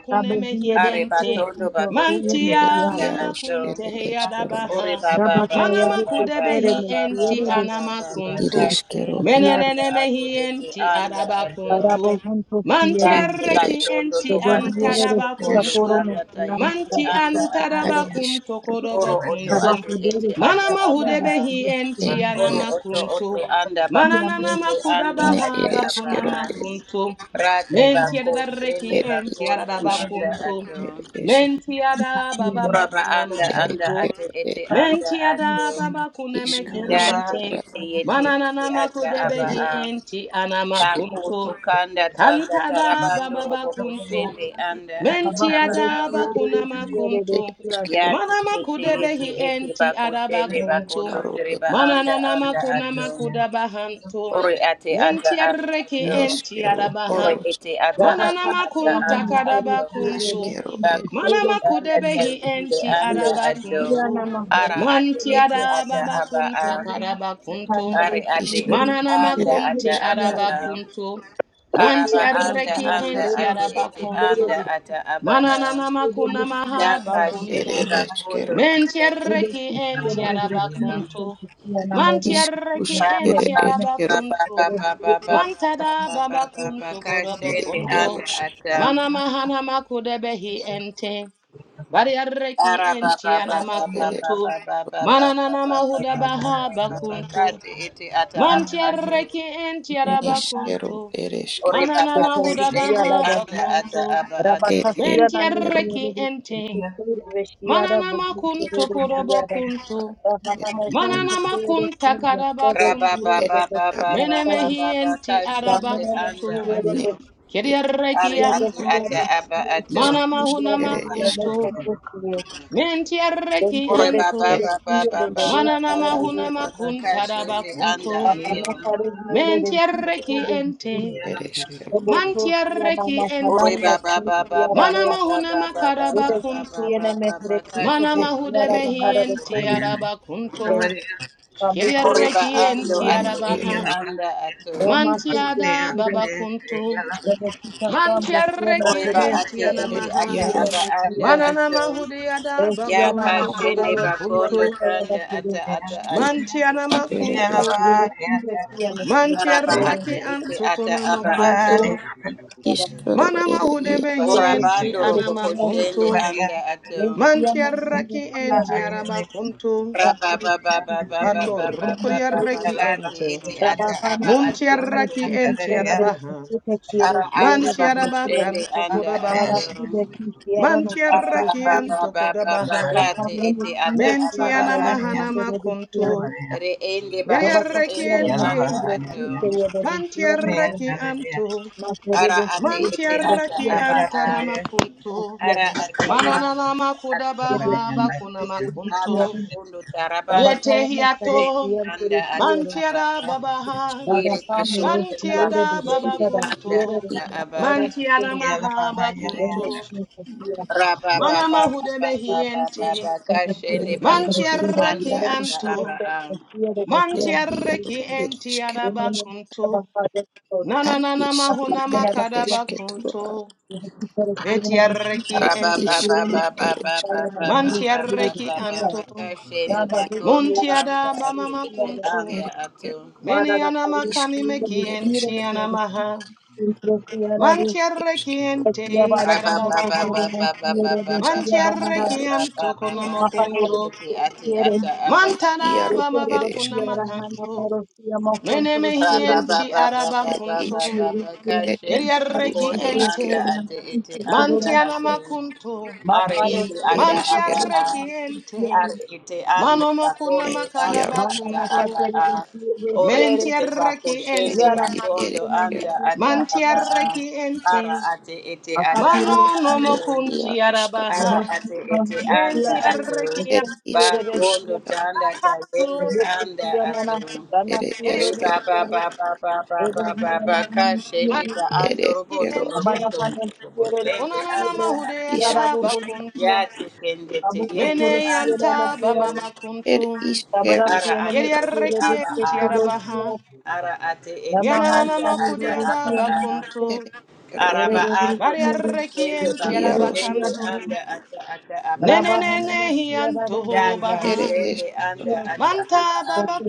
[SPEAKER 6] La mejilla de
[SPEAKER 5] Are
[SPEAKER 6] giro
[SPEAKER 5] batondo
[SPEAKER 6] sin profundo
[SPEAKER 5] bakoshende
[SPEAKER 6] me
[SPEAKER 2] ed,
[SPEAKER 6] fiar.
[SPEAKER 5] anda
[SPEAKER 2] iaros, ed,
[SPEAKER 5] ato.
[SPEAKER 2] eskero,
[SPEAKER 5] Ore baba baba
[SPEAKER 6] Rabataya de
[SPEAKER 5] baba
[SPEAKER 6] cosere
[SPEAKER 5] baba
[SPEAKER 6] me
[SPEAKER 5] baba
[SPEAKER 6] quiere de
[SPEAKER 5] baba
[SPEAKER 6] sí.
[SPEAKER 5] baba
[SPEAKER 6] Disculpa
[SPEAKER 2] ireskero,
[SPEAKER 5] kashende
[SPEAKER 2] id,
[SPEAKER 6] fiar.
[SPEAKER 5] anda ato ete anda
[SPEAKER 1] Yeah.
[SPEAKER 5] ato.
[SPEAKER 6] Para vos juntos
[SPEAKER 2] id,
[SPEAKER 6] quiere.
[SPEAKER 5] bati
[SPEAKER 2] eresk,
[SPEAKER 5] batondo to
[SPEAKER 6] Que vendiere
[SPEAKER 5] batondo
[SPEAKER 6] de su
[SPEAKER 5] kokondo
[SPEAKER 2] iskerus,
[SPEAKER 6] satoro no
[SPEAKER 5] tanda
[SPEAKER 6] fiar.
[SPEAKER 5] tayende
[SPEAKER 6] Para
[SPEAKER 5] anda
[SPEAKER 6] vosotros
[SPEAKER 5] ato.
[SPEAKER 2] ad, iskeru,
[SPEAKER 5] Oro oto ate ete
[SPEAKER 6] trabajadores que
[SPEAKER 5] ata
[SPEAKER 6] se
[SPEAKER 5] aba
[SPEAKER 6] quiere de
[SPEAKER 5] a.
[SPEAKER 6] su
[SPEAKER 2] ed,
[SPEAKER 6] destino.
[SPEAKER 5] Oro oto
[SPEAKER 2] iaros,
[SPEAKER 5] oto anda
[SPEAKER 6] Y a mí
[SPEAKER 5] bakoshende anda
[SPEAKER 2] ne,
[SPEAKER 5] ata aba
[SPEAKER 2] ereskero,
[SPEAKER 5] a.
[SPEAKER 2] er
[SPEAKER 5] Rate bakoshende
[SPEAKER 2] er
[SPEAKER 5] bakondo
[SPEAKER 2] iskerus,
[SPEAKER 5] anda
[SPEAKER 2] ed,
[SPEAKER 5] ato.
[SPEAKER 2] esk,
[SPEAKER 6] sí que quiere.
[SPEAKER 5] Uraba anda anda ate
[SPEAKER 2] ereskero,
[SPEAKER 5] ete
[SPEAKER 2] ed,
[SPEAKER 5] anda
[SPEAKER 6] Hallelujah.
[SPEAKER 5] ato.
[SPEAKER 4] mentiada baba kunemeki
[SPEAKER 2] iskerus,
[SPEAKER 5] Date
[SPEAKER 4] ente
[SPEAKER 2] ara,
[SPEAKER 5] kete yete yete ata aba a.
[SPEAKER 2] iaresk,
[SPEAKER 5] Bako tokanda tanda
[SPEAKER 4] kantada
[SPEAKER 5] tarabando
[SPEAKER 4] bababa
[SPEAKER 5] robo
[SPEAKER 4] kunto
[SPEAKER 5] koshende anda ata aba a.
[SPEAKER 2] ereskero,
[SPEAKER 5] Yate kete yete ete bako
[SPEAKER 2] ne,
[SPEAKER 5] shende bakondo
[SPEAKER 2] iskaro, ed,
[SPEAKER 5] tereba anda anda ato. Ore ate ata aba ato.
[SPEAKER 2] neskero,
[SPEAKER 5] Ore
[SPEAKER 2] iaros,
[SPEAKER 5] ete ata aba ata anda ato.
[SPEAKER 2] askero, er
[SPEAKER 5] Libakulu tanda tayende anda ato ara ate ete ata aba a ari ate
[SPEAKER 2] isk,
[SPEAKER 5] ete anda
[SPEAKER 2] ere,
[SPEAKER 5] ata aba a
[SPEAKER 1] Yeah.
[SPEAKER 5] araba anda anda ate ete anda ata aba a daka shende
[SPEAKER 2] esk, ere,
[SPEAKER 5] bakulu tanda tayende anda ata
[SPEAKER 2] Ishkush
[SPEAKER 5] Baba
[SPEAKER 2] ere
[SPEAKER 5] baba
[SPEAKER 2] eskero
[SPEAKER 5] baba baba baba baba baba baba baba
[SPEAKER 2] ere
[SPEAKER 5] kashende anda
[SPEAKER 2] iarosh ara
[SPEAKER 5] ata
[SPEAKER 2] ish ere ero
[SPEAKER 5] Kati iti ata aba ato.
[SPEAKER 2] neskero ereske
[SPEAKER 5] Ori baba kushende anda ata aba ato.
[SPEAKER 2] er
[SPEAKER 6] Rabakasiana
[SPEAKER 2] eskero
[SPEAKER 6] Nidiru Vestiara
[SPEAKER 2] ishka
[SPEAKER 6] Bukuru Tiara
[SPEAKER 2] er
[SPEAKER 6] Rahanamokon Tokoro Sina Sede
[SPEAKER 5] Raba
[SPEAKER 6] Shi
[SPEAKER 2] er
[SPEAKER 5] baba
[SPEAKER 6] Sede
[SPEAKER 5] baba
[SPEAKER 2] yaro
[SPEAKER 6] Sidra
[SPEAKER 5] baba
[SPEAKER 6] Sain
[SPEAKER 5] baba kashende
[SPEAKER 6] Ramana
[SPEAKER 5] anda
[SPEAKER 6] Tiara
[SPEAKER 5] ato.
[SPEAKER 2] ne
[SPEAKER 4] Kero
[SPEAKER 2] er
[SPEAKER 5] Ari
[SPEAKER 6] Vestiara
[SPEAKER 5] ati ata
[SPEAKER 6] Tiara
[SPEAKER 5] aba
[SPEAKER 4] Mau.
[SPEAKER 5] ato.
[SPEAKER 6] Sina Shi
[SPEAKER 2] ishkush
[SPEAKER 6] Brahma
[SPEAKER 2] ere esk
[SPEAKER 6] Sede Kotrosia Ventura
[SPEAKER 5] Ori baba
[SPEAKER 2] er
[SPEAKER 6] Vestiara
[SPEAKER 5] baba baba
[SPEAKER 6] Tiara
[SPEAKER 2] ush
[SPEAKER 5] baba
[SPEAKER 6] Verosia
[SPEAKER 5] baba
[SPEAKER 1] Yeah.
[SPEAKER 2] eskero
[SPEAKER 5] baba
[SPEAKER 6] Murisi
[SPEAKER 7] Thank
[SPEAKER 5] kashende anda ato.
[SPEAKER 1] Yeah.
[SPEAKER 6] Bakana Kare
[SPEAKER 7] you.
[SPEAKER 6] Viere Vestiara Vestiara
[SPEAKER 2] ereskero
[SPEAKER 6] Botosia Namakana
[SPEAKER 5] Ori baba baba baba
[SPEAKER 6] Kati
[SPEAKER 5] baba baba baba baba
[SPEAKER 6] Tiene
[SPEAKER 5] baba
[SPEAKER 6] mezrequito
[SPEAKER 5] kashende
[SPEAKER 2] er
[SPEAKER 6] postiara
[SPEAKER 2] ere
[SPEAKER 5] anda
[SPEAKER 6] bajara de
[SPEAKER 5] ato.
[SPEAKER 6] todo que amucoro
[SPEAKER 5] Oriba ando
[SPEAKER 6] tiene
[SPEAKER 2] ne
[SPEAKER 5] ate ete
[SPEAKER 2] eres
[SPEAKER 5] anda ato.
[SPEAKER 6] más sentido la necesita sambro tiene
[SPEAKER 5] Oriba ate
[SPEAKER 6] genesia de
[SPEAKER 2] er
[SPEAKER 5] ete ata
[SPEAKER 6] discutir
[SPEAKER 5] aba
[SPEAKER 6] en
[SPEAKER 2] iarosh
[SPEAKER 6] mi
[SPEAKER 5] anda
[SPEAKER 6] tiro de
[SPEAKER 5] ato. Ya
[SPEAKER 6] cristiana más por
[SPEAKER 5] kashende bakondo
[SPEAKER 6] tiene falla de
[SPEAKER 5] tanda
[SPEAKER 6] tiro
[SPEAKER 5] ata ata ate
[SPEAKER 2] ish
[SPEAKER 5] ete anda
[SPEAKER 2] ere
[SPEAKER 6] a
[SPEAKER 2] esk
[SPEAKER 5] ato.
[SPEAKER 6] tiro de siempre tiene que
[SPEAKER 5] Araba
[SPEAKER 6] quiere
[SPEAKER 5] ate ete ata aba
[SPEAKER 6] quiere
[SPEAKER 5] ato.
[SPEAKER 2] ishkaro ere iar
[SPEAKER 6] que
[SPEAKER 5] Orabando
[SPEAKER 6] resiste de
[SPEAKER 5] robo
[SPEAKER 6] tiro
[SPEAKER 5] koshende anda ato.
[SPEAKER 6] cristiana más de tiro de la
[SPEAKER 5] Raba ba ba ba ba ba ba ba
[SPEAKER 6] tiro
[SPEAKER 5] ba ba
[SPEAKER 6] de
[SPEAKER 5] ba kate ete ata aba
[SPEAKER 6] Trabajamos con
[SPEAKER 5] ato.
[SPEAKER 6] firmas sin cristal, pero tú te quieres,
[SPEAKER 5] Ara
[SPEAKER 6] quiere
[SPEAKER 5] anda
[SPEAKER 6] obedecía.
[SPEAKER 5] bakoshende anda
[SPEAKER 6] Ahora sí
[SPEAKER 5] ato.
[SPEAKER 6] de cristiana nos crecía.
[SPEAKER 5] Arababababababakate
[SPEAKER 6] Trabajamos
[SPEAKER 5] ete
[SPEAKER 6] sin
[SPEAKER 5] ata
[SPEAKER 6] de
[SPEAKER 5] aba ato.
[SPEAKER 6] quiere, pero decía.
[SPEAKER 5] Re ende ba oto
[SPEAKER 6] Trabajamos
[SPEAKER 5] ende
[SPEAKER 6] en el
[SPEAKER 1] Yellow,
[SPEAKER 5] anda
[SPEAKER 6] cibre,
[SPEAKER 5] ato.
[SPEAKER 6] sí, te obedecíamos. Más de
[SPEAKER 5] Ara ate
[SPEAKER 6] decir, es
[SPEAKER 5] ete
[SPEAKER 6] cibre,
[SPEAKER 5] ata
[SPEAKER 6] sí, desear.
[SPEAKER 5] aba a.
[SPEAKER 6] hacía
[SPEAKER 5] Ara
[SPEAKER 6] de la
[SPEAKER 5] ate ete
[SPEAKER 6] factura.
[SPEAKER 5] ata aba
[SPEAKER 6] Que de sí,
[SPEAKER 5] a.
[SPEAKER 6] que tú
[SPEAKER 5] Aba
[SPEAKER 6] quieres.
[SPEAKER 5] kondo tarabando
[SPEAKER 6] Trabajamos para el
[SPEAKER 5] ende
[SPEAKER 6] cielo, pero
[SPEAKER 5] anda ata
[SPEAKER 6] quiere.
[SPEAKER 5] aba a. Yere
[SPEAKER 6] Trabajamos
[SPEAKER 2] ishke
[SPEAKER 6] en el
[SPEAKER 5] batondo
[SPEAKER 6] cibre,
[SPEAKER 5] bako
[SPEAKER 6] de sí,
[SPEAKER 5] ende
[SPEAKER 6] para
[SPEAKER 5] anda
[SPEAKER 6] quiere,
[SPEAKER 5] ata
[SPEAKER 2] ira
[SPEAKER 5] aba a.
[SPEAKER 6] quiere,
[SPEAKER 2] ere
[SPEAKER 6] Thank
[SPEAKER 2] ish
[SPEAKER 5] Raba ba ba ba ba ba ba ba ba
[SPEAKER 2] ishka
[SPEAKER 5] kashende
[SPEAKER 2] ere
[SPEAKER 5] bakondo
[SPEAKER 2] eskero
[SPEAKER 5] anda
[SPEAKER 2] iaros
[SPEAKER 5] ata aba a.
[SPEAKER 2] Ed iaro ed iscarus ad iscru ere escetoroa
[SPEAKER 5] Rabba
[SPEAKER 2] ed iscrus ere escero
[SPEAKER 6] you.
[SPEAKER 2] ed uscatar ere escero iscru ere escero id escero ia ed is iaro scatar
[SPEAKER 6] Mafanelisi quiere,
[SPEAKER 2] id iaro
[SPEAKER 6] Totoro
[SPEAKER 2] ere
[SPEAKER 6] quiere,
[SPEAKER 2] escero
[SPEAKER 6] Hanamoro quiere, Mocontoro quiere,
[SPEAKER 2] ed is
[SPEAKER 6] quiere, quiere,
[SPEAKER 2] ed u ad
[SPEAKER 6] Mocontoro
[SPEAKER 2] escero
[SPEAKER 6] quiere, Totoro quiere, Mafare
[SPEAKER 2] i
[SPEAKER 6] quiere,
[SPEAKER 2] ere escero
[SPEAKER 6] Fedele quiere,
[SPEAKER 5] Ari ete anda bakondo
[SPEAKER 2] ed
[SPEAKER 5] anda
[SPEAKER 2] iaro ska
[SPEAKER 5] ata
[SPEAKER 6] Bangala
[SPEAKER 5] aba
[SPEAKER 6] quiere,
[SPEAKER 5] a.
[SPEAKER 6] quiere,
[SPEAKER 5] Ore
[SPEAKER 6] quiere,
[SPEAKER 5] ete bako
[SPEAKER 2] ed
[SPEAKER 5] shende
[SPEAKER 6] Yara
[SPEAKER 2] id ere
[SPEAKER 5] bakondo
[SPEAKER 6] Hanukume
[SPEAKER 2] escero
[SPEAKER 5] anda
[SPEAKER 6] quiere,
[SPEAKER 5] ata aba a.
[SPEAKER 6] quiere,
[SPEAKER 5] Ara ate ete ata
[SPEAKER 6] Akature
[SPEAKER 5] aba
[SPEAKER 6] quiere,
[SPEAKER 5] ato.
[SPEAKER 2] ed iaro scatar
[SPEAKER 5] Ara ate ete
[SPEAKER 6] Yabasukman
[SPEAKER 5] anda
[SPEAKER 6] quiere,
[SPEAKER 5] ato.
[SPEAKER 2] ed
[SPEAKER 6] Resen
[SPEAKER 2] iscru
[SPEAKER 6] quiere,
[SPEAKER 5] Bakondo
[SPEAKER 6] quiere,
[SPEAKER 2] scatar
[SPEAKER 5] tanda tayende
[SPEAKER 6] Yoku
[SPEAKER 5] anda
[SPEAKER 6] quiere, Nana,
[SPEAKER 5] ato.
[SPEAKER 6] Rana
[SPEAKER 2] ere
[SPEAKER 6] quiere,
[SPEAKER 5] Riba
[SPEAKER 2] escero
[SPEAKER 5] ba
[SPEAKER 6] quiere,
[SPEAKER 5] ba ba ba ba ba ba
[SPEAKER 6] Rabba
[SPEAKER 5] ba ka shende ba ando robondo robondo robondo anda ato.
[SPEAKER 2] Ishkarush
[SPEAKER 5] Yati kende teyende anda ato.
[SPEAKER 2] ere
[SPEAKER 5] Ara ate
[SPEAKER 2] ishkerushkatara
[SPEAKER 5] ete aba a. Ara ate ete anda ata aba a.
[SPEAKER 2] ere ero
[SPEAKER 5] Araba
[SPEAKER 2] i-
[SPEAKER 5] ando da koshende ba
[SPEAKER 2] iarosk
[SPEAKER 5] koshende anda ata ata aba a. Daka
[SPEAKER 2] ere
[SPEAKER 5] sende anda
[SPEAKER 2] esktoro
[SPEAKER 5] ata aba a.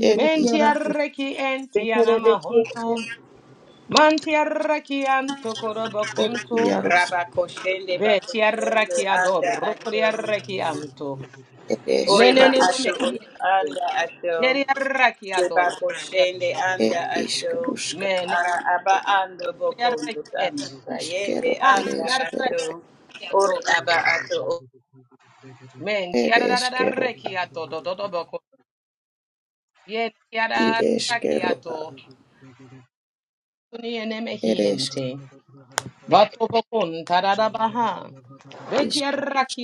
[SPEAKER 2] ed ishkarush ed iarosk
[SPEAKER 5] Raba koshende ba koshende anda ato.
[SPEAKER 2] ed
[SPEAKER 5] Oreba
[SPEAKER 2] eskerusk
[SPEAKER 5] ato anda ato. Debakoshende
[SPEAKER 2] ed
[SPEAKER 5] anda ato
[SPEAKER 2] ishkarushka
[SPEAKER 5] ara aba ando bokondo tanda tayende
[SPEAKER 2] ashkero ere
[SPEAKER 5] anda
[SPEAKER 2] eskero
[SPEAKER 5] ato ore aba ato o-
[SPEAKER 2] ed eskero id eskero ere esk ishkarush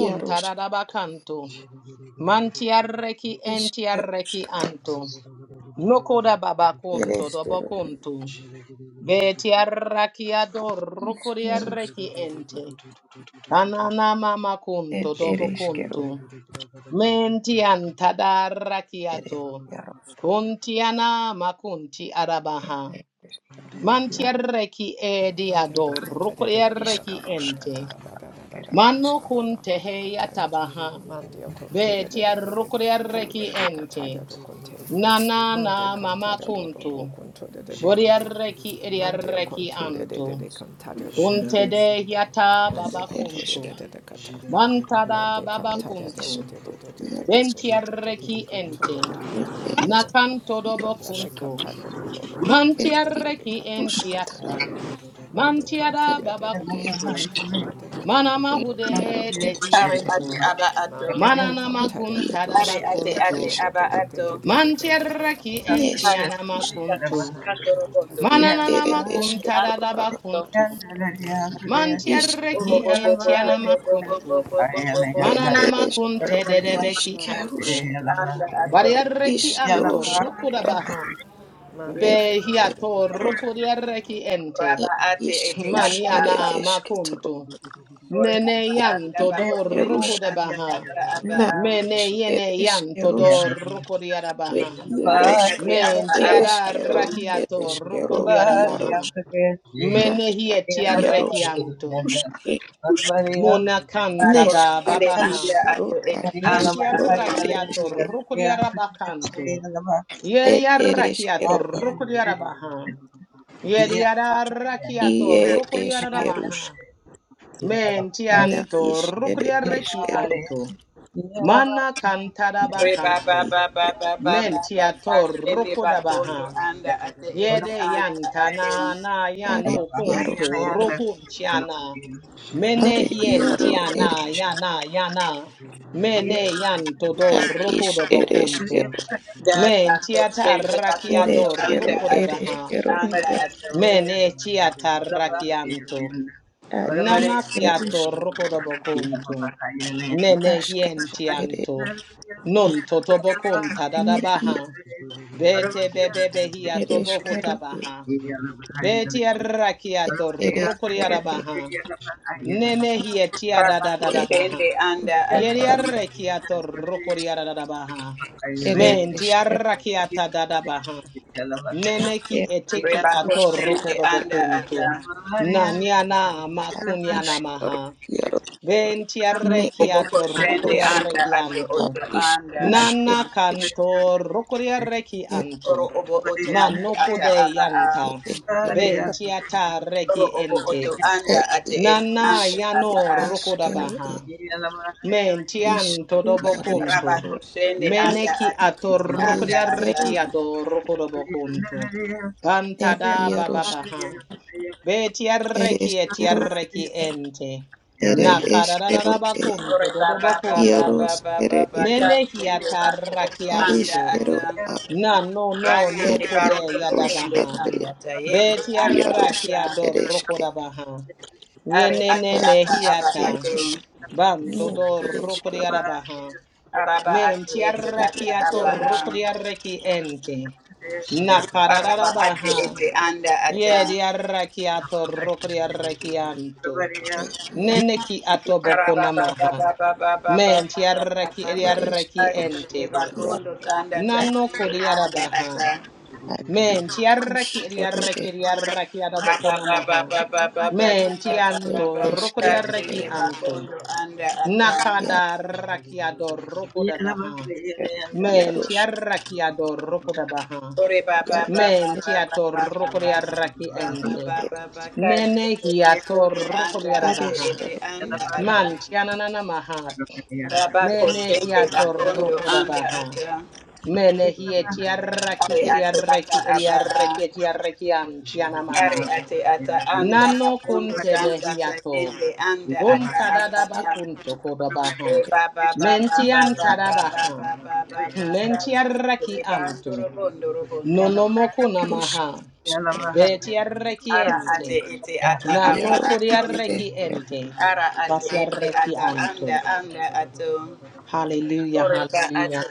[SPEAKER 2] iarosk ishkerushkata ere eskero
[SPEAKER 7] Zero
[SPEAKER 2] ishkerushk ed ere eskero iarosk iarosk
[SPEAKER 8] Mandio contore de
[SPEAKER 2] ishkarushkata ere eskero
[SPEAKER 8] de de
[SPEAKER 2] iarosk
[SPEAKER 8] cantare do conte. Mande cantare do do
[SPEAKER 2] Yarusk,
[SPEAKER 8] do de canta. Mandio contore de cantare do conte. Mande konto de
[SPEAKER 2] Eresk,
[SPEAKER 8] de de de kata. Mande
[SPEAKER 2] Ed
[SPEAKER 8] kanta de de
[SPEAKER 2] Isk,
[SPEAKER 8] de de de de de
[SPEAKER 2] Yarusk,
[SPEAKER 8] de de de de de de de konto de de
[SPEAKER 2] Ed
[SPEAKER 8] kanta ya
[SPEAKER 2] Eresk,
[SPEAKER 8] kato. Mande de
[SPEAKER 2] Yarusk,
[SPEAKER 8] kanta de do do do konto de
[SPEAKER 2] Ed
[SPEAKER 8] de de de kanta de
[SPEAKER 2] Isk,
[SPEAKER 8] do
[SPEAKER 7] Zugu
[SPEAKER 2] Tara,
[SPEAKER 8] konto. Mande kanta
[SPEAKER 2] Ed
[SPEAKER 8] de de de de de
[SPEAKER 2] Yarusk,
[SPEAKER 8] konto de de de de de do do
[SPEAKER 2] Ed
[SPEAKER 8] do do do
[SPEAKER 2] Yaro,
[SPEAKER 8] do do do
[SPEAKER 2] Eresk,
[SPEAKER 5] are
[SPEAKER 8] konto.
[SPEAKER 5] ate aba ato
[SPEAKER 8] Mande de
[SPEAKER 2] Ed
[SPEAKER 8] kanta de de de
[SPEAKER 2] Yaros,
[SPEAKER 8] de
[SPEAKER 5] are
[SPEAKER 8] de
[SPEAKER 2] Ed
[SPEAKER 5] ate ate
[SPEAKER 8] de
[SPEAKER 2] Esk,
[SPEAKER 8] de
[SPEAKER 5] aba
[SPEAKER 8] de de de de
[SPEAKER 5] ato
[SPEAKER 8] de de do do do do
[SPEAKER 1] Yeah.
[SPEAKER 8] konto de de
[SPEAKER 2] Nesk,
[SPEAKER 5] ata
[SPEAKER 8] konto.
[SPEAKER 2] Us,
[SPEAKER 5] tanda
[SPEAKER 8] Mande
[SPEAKER 5] tarabando
[SPEAKER 8] kanta
[SPEAKER 5] robondo
[SPEAKER 8] de de
[SPEAKER 2] Ed
[SPEAKER 8] de de
[SPEAKER 2] Ere
[SPEAKER 8] de de
[SPEAKER 2] Esk,
[SPEAKER 5] tayende
[SPEAKER 8] konto de de
[SPEAKER 5] anda
[SPEAKER 2] Tara,
[SPEAKER 5] ato
[SPEAKER 8] de do konto.
[SPEAKER 2] Isk,
[SPEAKER 5] oro bo
[SPEAKER 2] Rusk,
[SPEAKER 5] bo bo bo bo bo bo bo bo bo bo bo
[SPEAKER 2] Ed Eresk, Yaro, Isk, Rusk,
[SPEAKER 5] anda ato
[SPEAKER 2] Ad Is, Rusk, Tara, Ed Esk, E
[SPEAKER 5] raba ate
[SPEAKER 2] ish
[SPEAKER 5] ete ata
[SPEAKER 2] ere esketoro.
[SPEAKER 5] Ore aba
[SPEAKER 2] E
[SPEAKER 5] anda
[SPEAKER 2] ish
[SPEAKER 5] ba kosende anda aba aba
[SPEAKER 2] na
[SPEAKER 5] am.
[SPEAKER 2] ish ere eskerosh. E
[SPEAKER 5] Are
[SPEAKER 2] iaroshka
[SPEAKER 5] ate aba
[SPEAKER 2] ere
[SPEAKER 5] aba ato.
[SPEAKER 2] eskero ere eskero iarosh nashka iaroshke Uske uske
[SPEAKER 5] Ba
[SPEAKER 2] nesh ar
[SPEAKER 5] kosende anda
[SPEAKER 2] isro ro
[SPEAKER 5] ato
[SPEAKER 2] ar
[SPEAKER 5] ete
[SPEAKER 1] Yeah.
[SPEAKER 2] ish
[SPEAKER 5] anda ato.
[SPEAKER 2] ar eske ed ere eskero a i ere eskerush na ish ere eskero
[SPEAKER 5] Re ba ba ba ba
[SPEAKER 2] ish
[SPEAKER 5] ba ba ba ba kosende ba kondo anda ate ete anda ato.
[SPEAKER 2] ere iarosh Are iaro ereshka iskereskero
[SPEAKER 5] Da ba kosende ba kondo
[SPEAKER 2] ereskero
[SPEAKER 5] anda ate ete
[SPEAKER 2] ereskero
[SPEAKER 5] anda ato.
[SPEAKER 2] iara
[SPEAKER 1] What about it?
[SPEAKER 2] iskeruska askaro ere ne ia ereskero e e- ereskero e
[SPEAKER 5] Ra ba kosende anda ato.
[SPEAKER 2] eruskatara ere eskero
[SPEAKER 5] Re ba
[SPEAKER 2] eruske
[SPEAKER 5] kosende anda ato.
[SPEAKER 2] ad iskaro iaro ne
[SPEAKER 5] Obo kosende
[SPEAKER 2] eruska
[SPEAKER 5] anda ato
[SPEAKER 2] ad
[SPEAKER 5] oto anda
[SPEAKER 1] Yeah.
[SPEAKER 2] iskeruske es e-
[SPEAKER 5] Oro obo oto ate ata aba a.
[SPEAKER 2] eskero
[SPEAKER 5] Oro obo oto
[SPEAKER 2] e
[SPEAKER 5] anda ate ete
[SPEAKER 2] iskerus
[SPEAKER 5] anda aba a.
[SPEAKER 2] eskero e iskru
[SPEAKER 5] Raba
[SPEAKER 2] areskero
[SPEAKER 5] kushende anda ate ete anda
[SPEAKER 2] Areskero
[SPEAKER 5] ata.
[SPEAKER 2] usted yaroshkat, ereskero e, ere eskero e,
[SPEAKER 5] Ore baba baba baba
[SPEAKER 2] yaroskere
[SPEAKER 5] baba
[SPEAKER 2] e,
[SPEAKER 5] kashende bako oto anda
[SPEAKER 2] areskero
[SPEAKER 5] ata.
[SPEAKER 2] a,
[SPEAKER 5] Rande
[SPEAKER 2] er
[SPEAKER 5] te baro toko
[SPEAKER 2] ishroshkate,
[SPEAKER 5] anda ata yende anda
[SPEAKER 2] yaroshk
[SPEAKER 5] ata.
[SPEAKER 2] ereske,
[SPEAKER 5] Are ate
[SPEAKER 2] ar
[SPEAKER 5] ata aba ato.
[SPEAKER 2] iskerusk, ne ereskero,
[SPEAKER 5] Araba ate ete
[SPEAKER 2] ere
[SPEAKER 5] ata aba a.
[SPEAKER 2] yaroshk,
[SPEAKER 5] Araba ate ete anda
[SPEAKER 2] ero
[SPEAKER 5] ata.
[SPEAKER 1] Yeah. I
[SPEAKER 2] e, yar,
[SPEAKER 5] Rabako Shende
[SPEAKER 2] ereskero, yar,
[SPEAKER 5] Bakondo Anda
[SPEAKER 2] ar ishrush, ere e, er eskero e, yar, er, yaroshk, yar, ir et ereskero et jaros
[SPEAKER 5] Ata Ari
[SPEAKER 2] et
[SPEAKER 5] Atu Ata Aba Ari ate ata anda apondo tanda tayende anda ata aba
[SPEAKER 2] et
[SPEAKER 5] ba. Re
[SPEAKER 2] et
[SPEAKER 5] ba ba ba ba ba ba ba ba ba ba ba ba kashi re bando robondo robondo.
[SPEAKER 2] rus eskero
[SPEAKER 5] Ara ate ete ata aba
[SPEAKER 2] jaros
[SPEAKER 5] ato. Ara ate ete ata anda anda ato. Oreba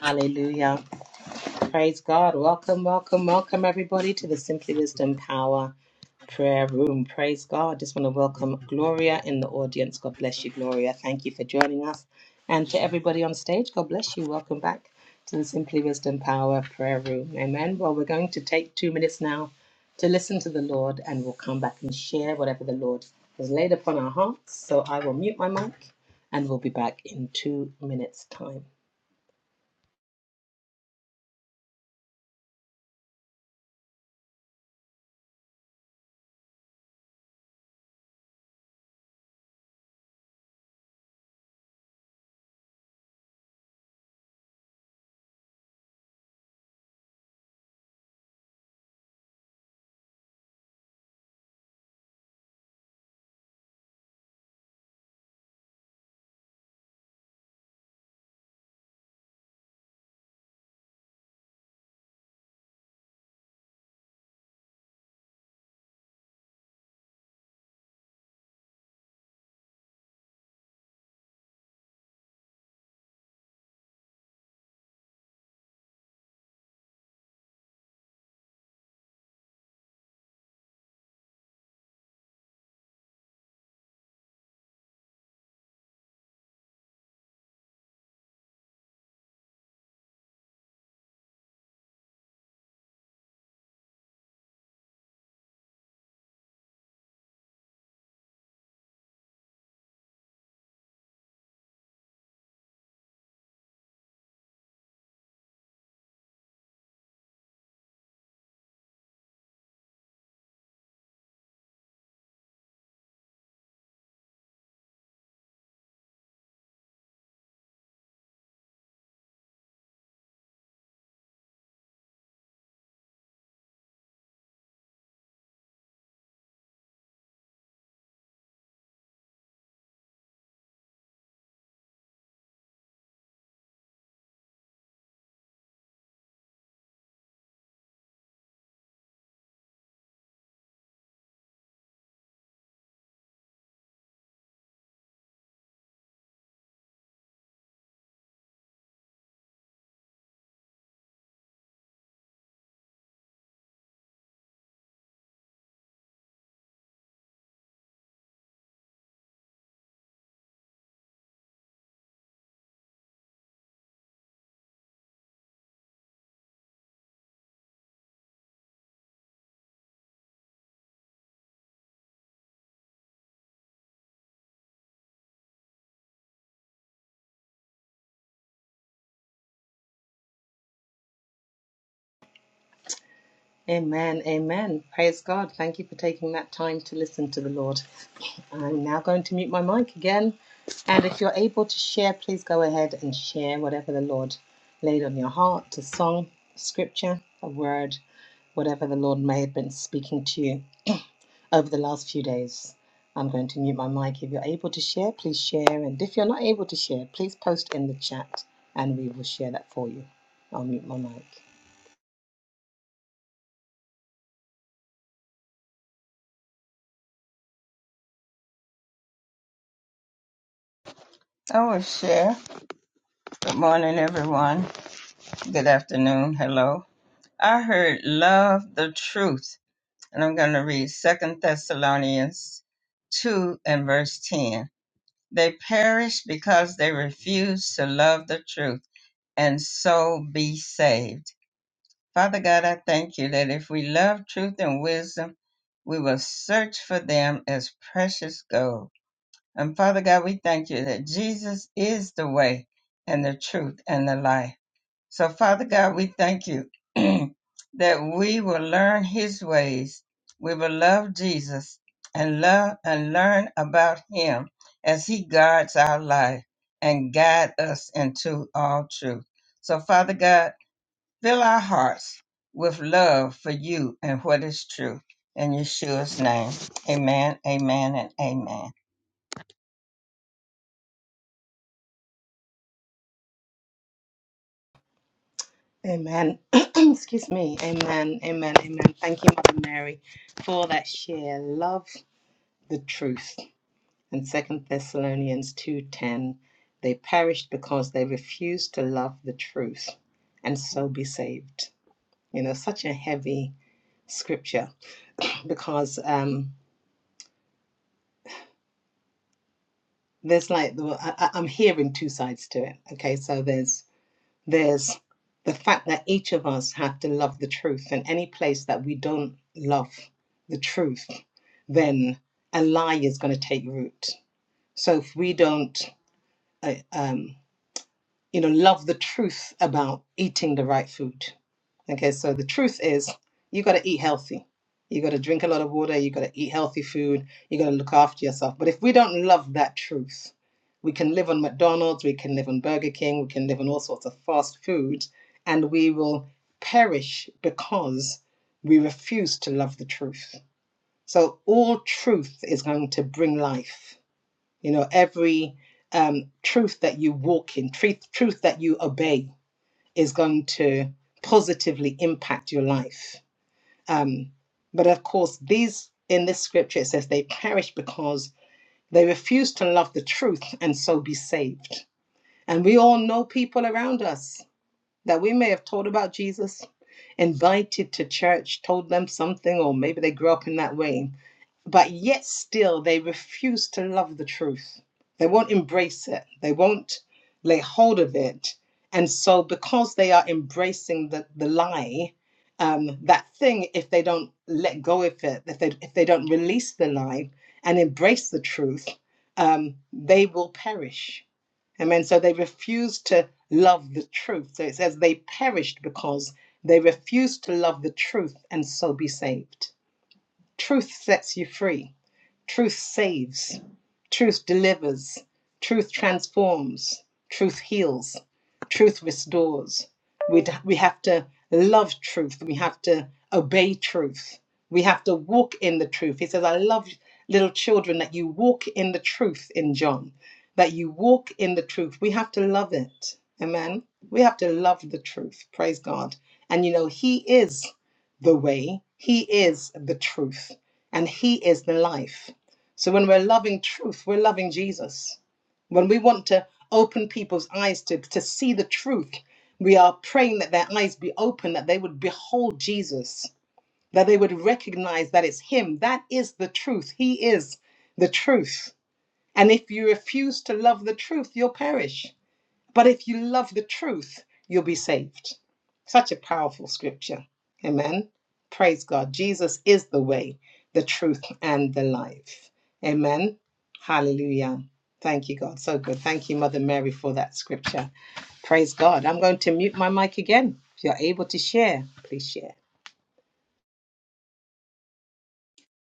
[SPEAKER 1] will share. Good morning, everyone. Good afternoon. Hello. I heard love the truth. And I'm going to read Second Thessalonians 2 and verse 10. They perish because they refuse to love the truth and so be saved. Father God, I thank you that if we love truth and wisdom, we will search for them as precious gold. And Father God, we thank you that Jesus is the way and the truth and the life. So, Father God, we thank you [clears throat] that we will learn his ways. We will love Jesus and love and learn about him as he guards our life and guide us into all truth. So, Father God, fill our hearts with love for you and what is true. In Yeshua's name, amen, amen, and amen.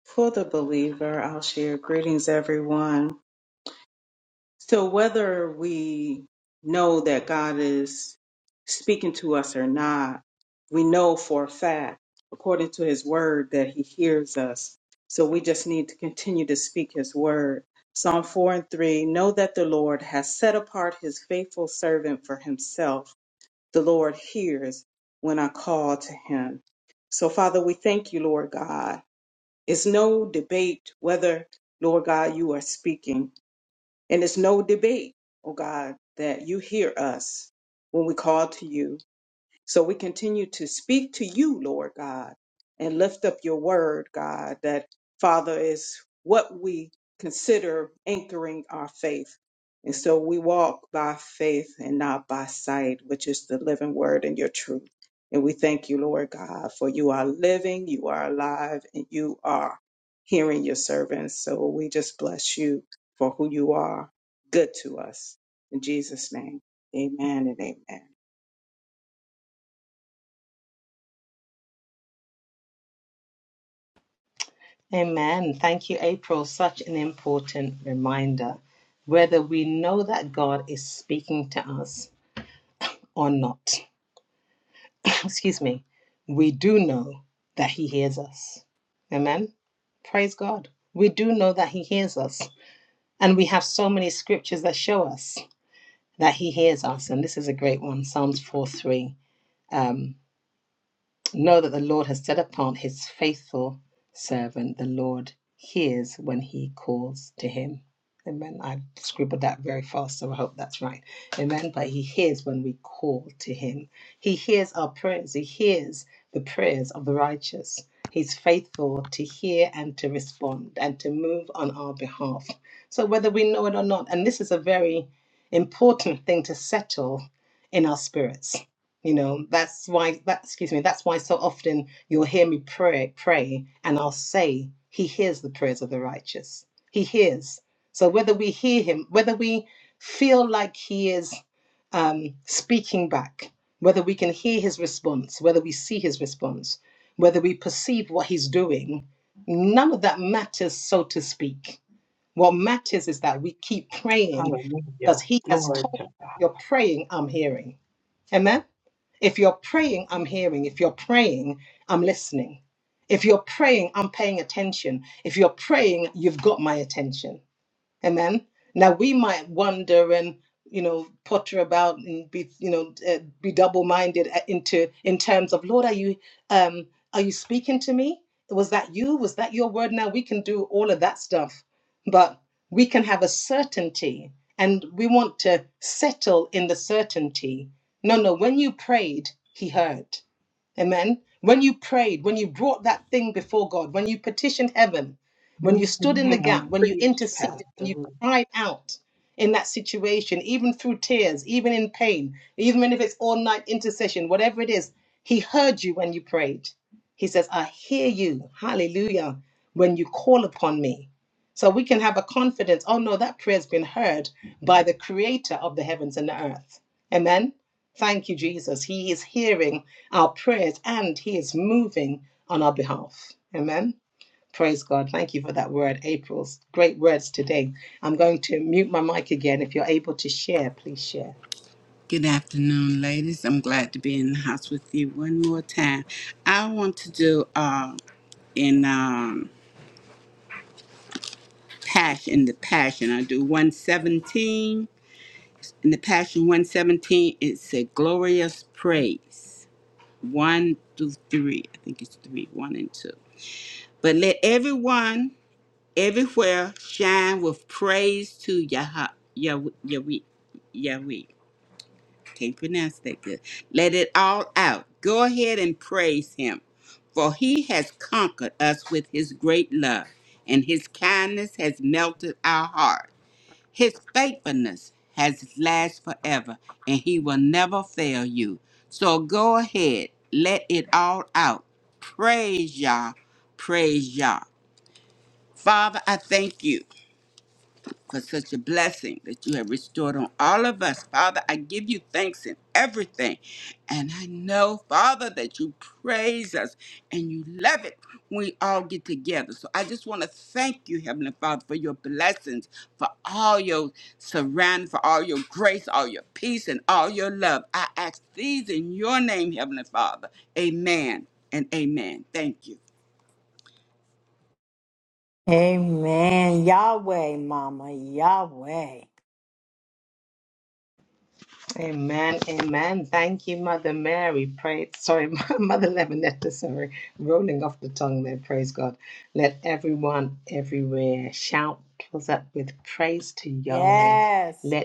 [SPEAKER 9] For the believer, I'll share greetings, everyone. So, whether we know that God is speaking to us or not, we know for a fact, according to his word, that he hears us. So, we just need to continue to speak his word. Psalm 4 and 3 Know that the Lord has set apart his faithful servant for himself. The Lord hears when I call to him. So, Father, we thank you, Lord God it's no debate whether, Lord God, you are speaking. And it's no debate, oh God, that you hear us when we call to you. So we continue to speak to you, Lord God, and lift up your word, God, that Father is what we consider anchoring our faith. And so we walk by faith and not by sight, which is the living word and your truth. And we thank you, Lord God, for you are living, you are alive, and you are hearing your servants. So we just bless you for who you are, good to us. In Jesus' name, amen and amen. Hallelujah. Glory to God. Yes, you have preached, Pastor. Ruth.
[SPEAKER 3] afternoon, ladies. I'm glad to be in the house with you one more time. I want to do uh, in um, Passion, in the Passion. I do 117. In the Passion 117, it's a glorious praise. one through three. I think it's three, one and two. But let everyone everywhere shine with praise to Yah Yahweh. Yahweh. Yahweh. Can't pronounce that good. Let it all out. Go ahead and praise him. For he has conquered us with his great love, and his kindness has melted our hearts. His faithfulness has lasted forever, and he will never fail you. So go ahead, let it all out. Praise Yah, praise Yah. Father, I thank you for such a blessing that you have restored on all of us. Father, I give you thanks in everything. And I know, Father, that you praise us and you love it when we all get together. So I just want to thank you, Heavenly Father, for your blessings, for all your surround, for all your grace, all your peace, and all your love. I ask these in your name, Heavenly Father. Amen and amen. Thank you.
[SPEAKER 10] Amen. Yahweh, Mama. Yahweh. Yes.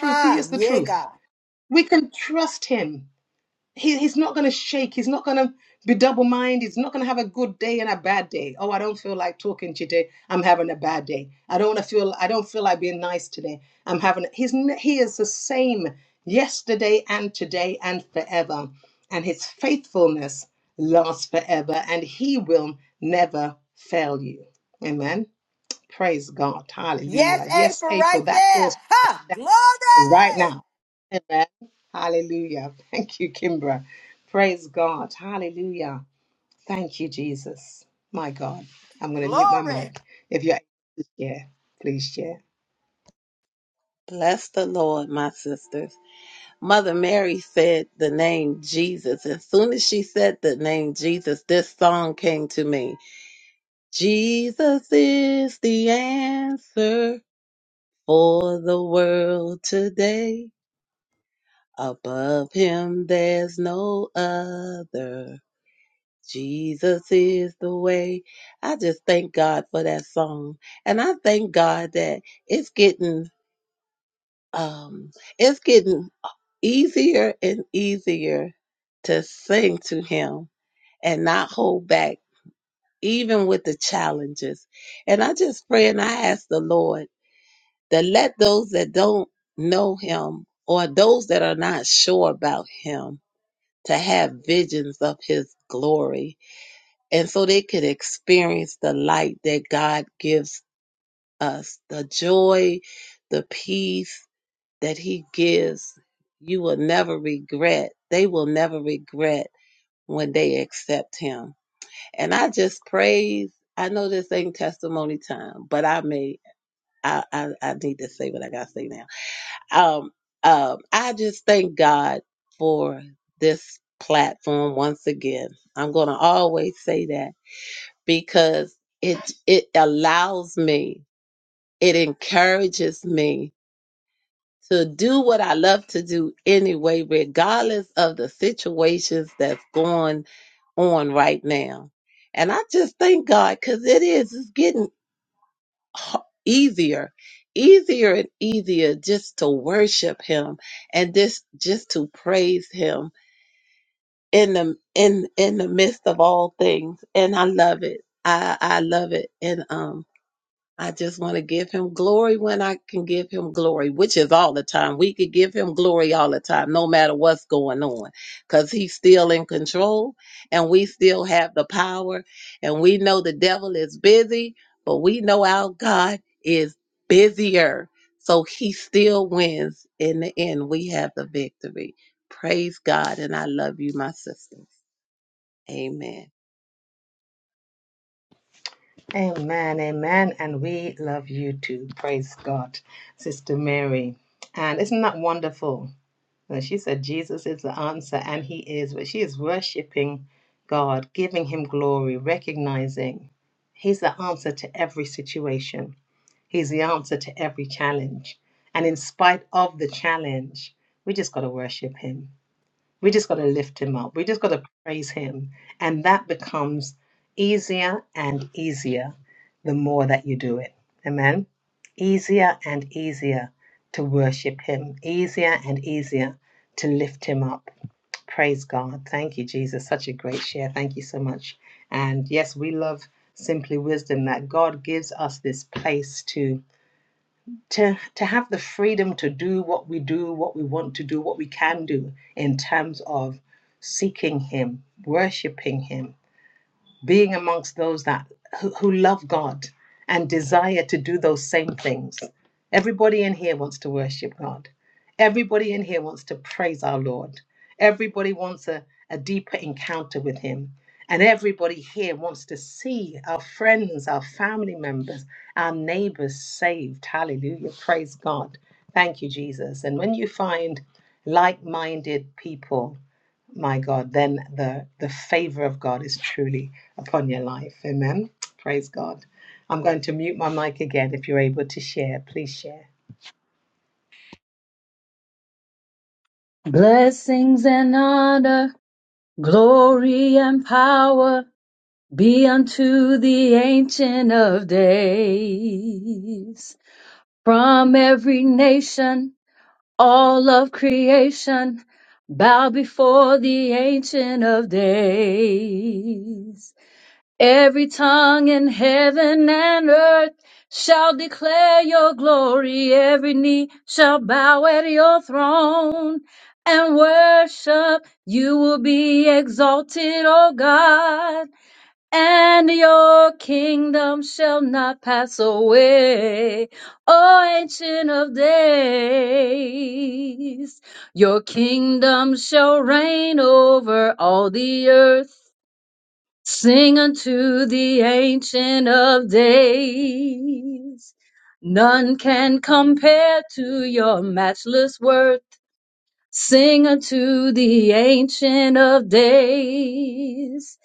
[SPEAKER 10] Ah, yeah, God. Yes, April, right there. Ha! Glory! Glory.
[SPEAKER 11] Bless the Lord, my sisters. Mother Mary said the name Jesus. As soon as she said the name Jesus, this song came to me. Jesus is the answer for the world today. Above him, there's no other. Jesus is the way. I just thank God for that song. And I thank God that it's getting um, it's getting easier and easier to sing to him and not hold back, even with the challenges. And I just pray and I ask the Lord to let those that don't know him or those that are not sure about him to have visions of his glory and so they could experience the light that God gives us, the joy, the peace, that he gives, you will never regret. They will never regret when they accept him. And I just praise. I know this ain't testimony time, but I may I I, I need to say what I gotta say now. Um um I just thank God for this platform once again. I'm gonna always say that because it it allows me, it encourages me to do what I love to do anyway, regardless of the situations that's going on right now. And I just thank God because it is, it's getting h- easier, easier and easier just to worship Him and just, just to praise Him in the, in, in the midst of all things. And I love it. I, I love it. And, um. I just want to give him glory when I can give him glory, which is all the time. We could give him glory all the time, no matter what's going on, because he's still in control and we still have the power. And we know the devil is busy, but we know our God is busier. So he still wins. In the end, we have the victory. Praise God. And I love you, my sisters. Amen.
[SPEAKER 12] Blessings and honor, glory and power be unto the Ancient of Days. From every nation, all of creation, bow before the Ancient of Days. Every tongue in heaven and earth shall declare your glory. Every knee shall bow at your throne and worship. You will be exalted, O God, and your kingdom shall not pass away. O ancient of days, your kingdom shall reign over all the earth. Sing unto the Ancient of Days. None can compare to your matchless worth. Sing unto the Ancient of Days.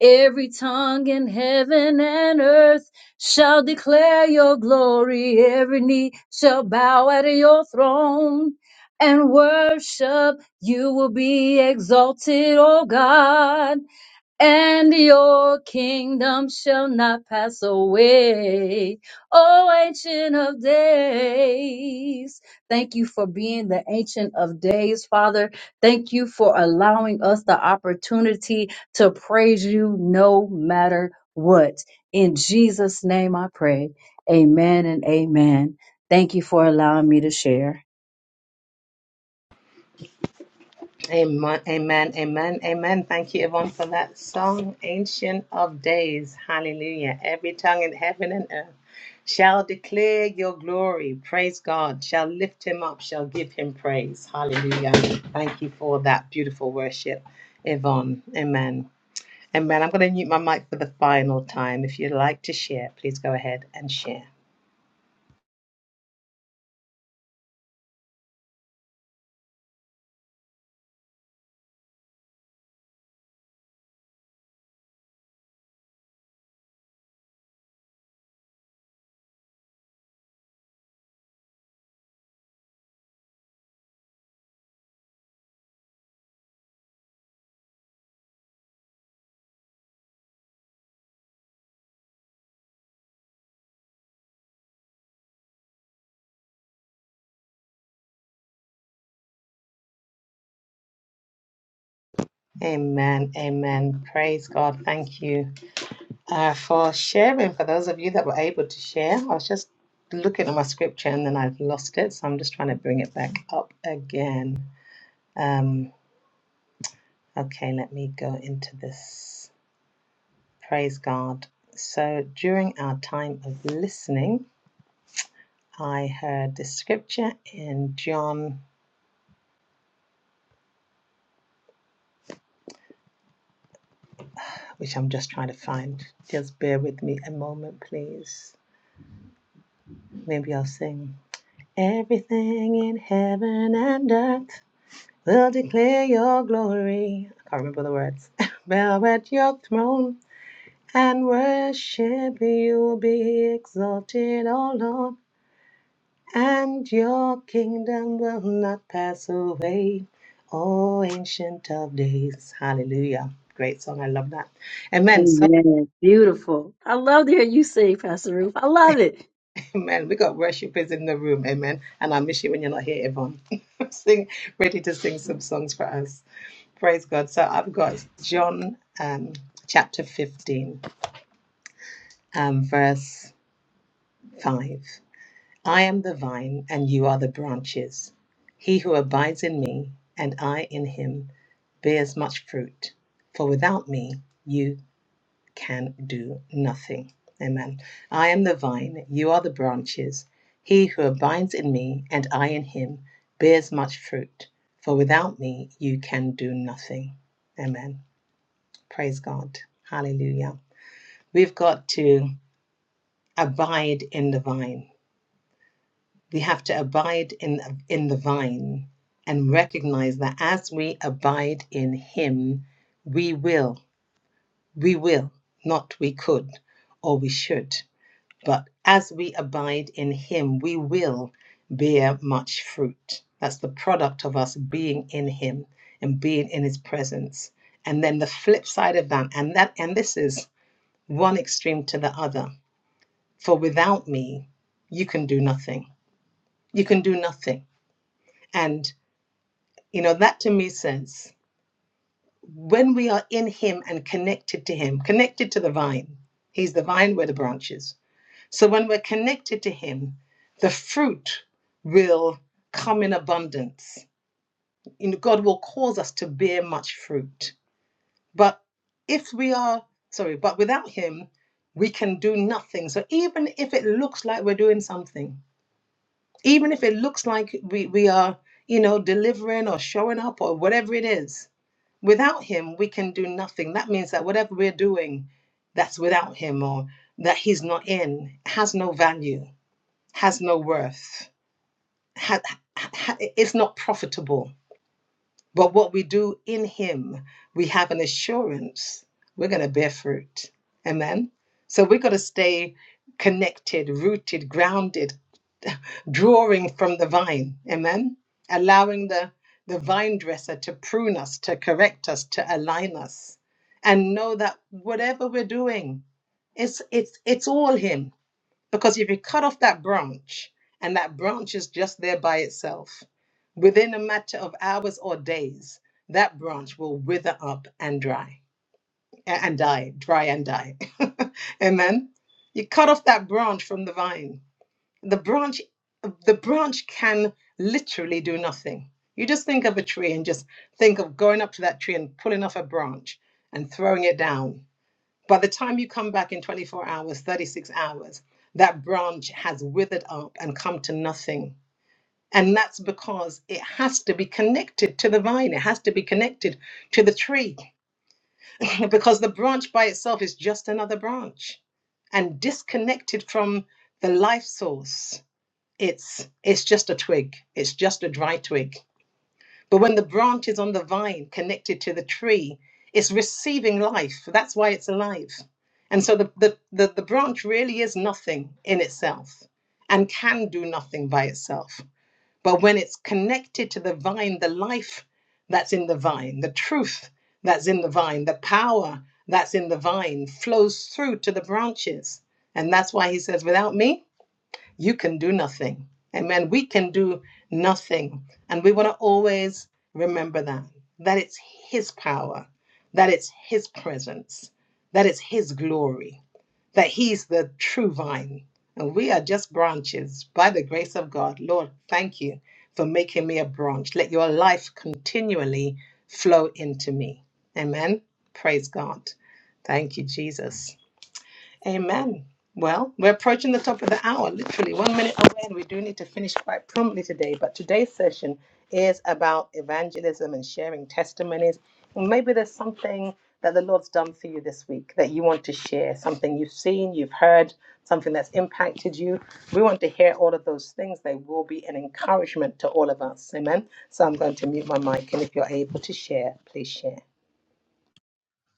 [SPEAKER 12] Every tongue in heaven and earth shall declare your glory. Every knee shall bow at your throne and worship. You will be exalted, O God and your kingdom shall not pass away. O ancient of days. Thank you for being the ancient of days, Father. Thank you for allowing us the opportunity to praise you no matter what. In Jesus' name I pray. Amen and amen. Thank you for allowing me to share. Amen. Beautiful. I love to hear you sing, Pastor Ruth. I love it.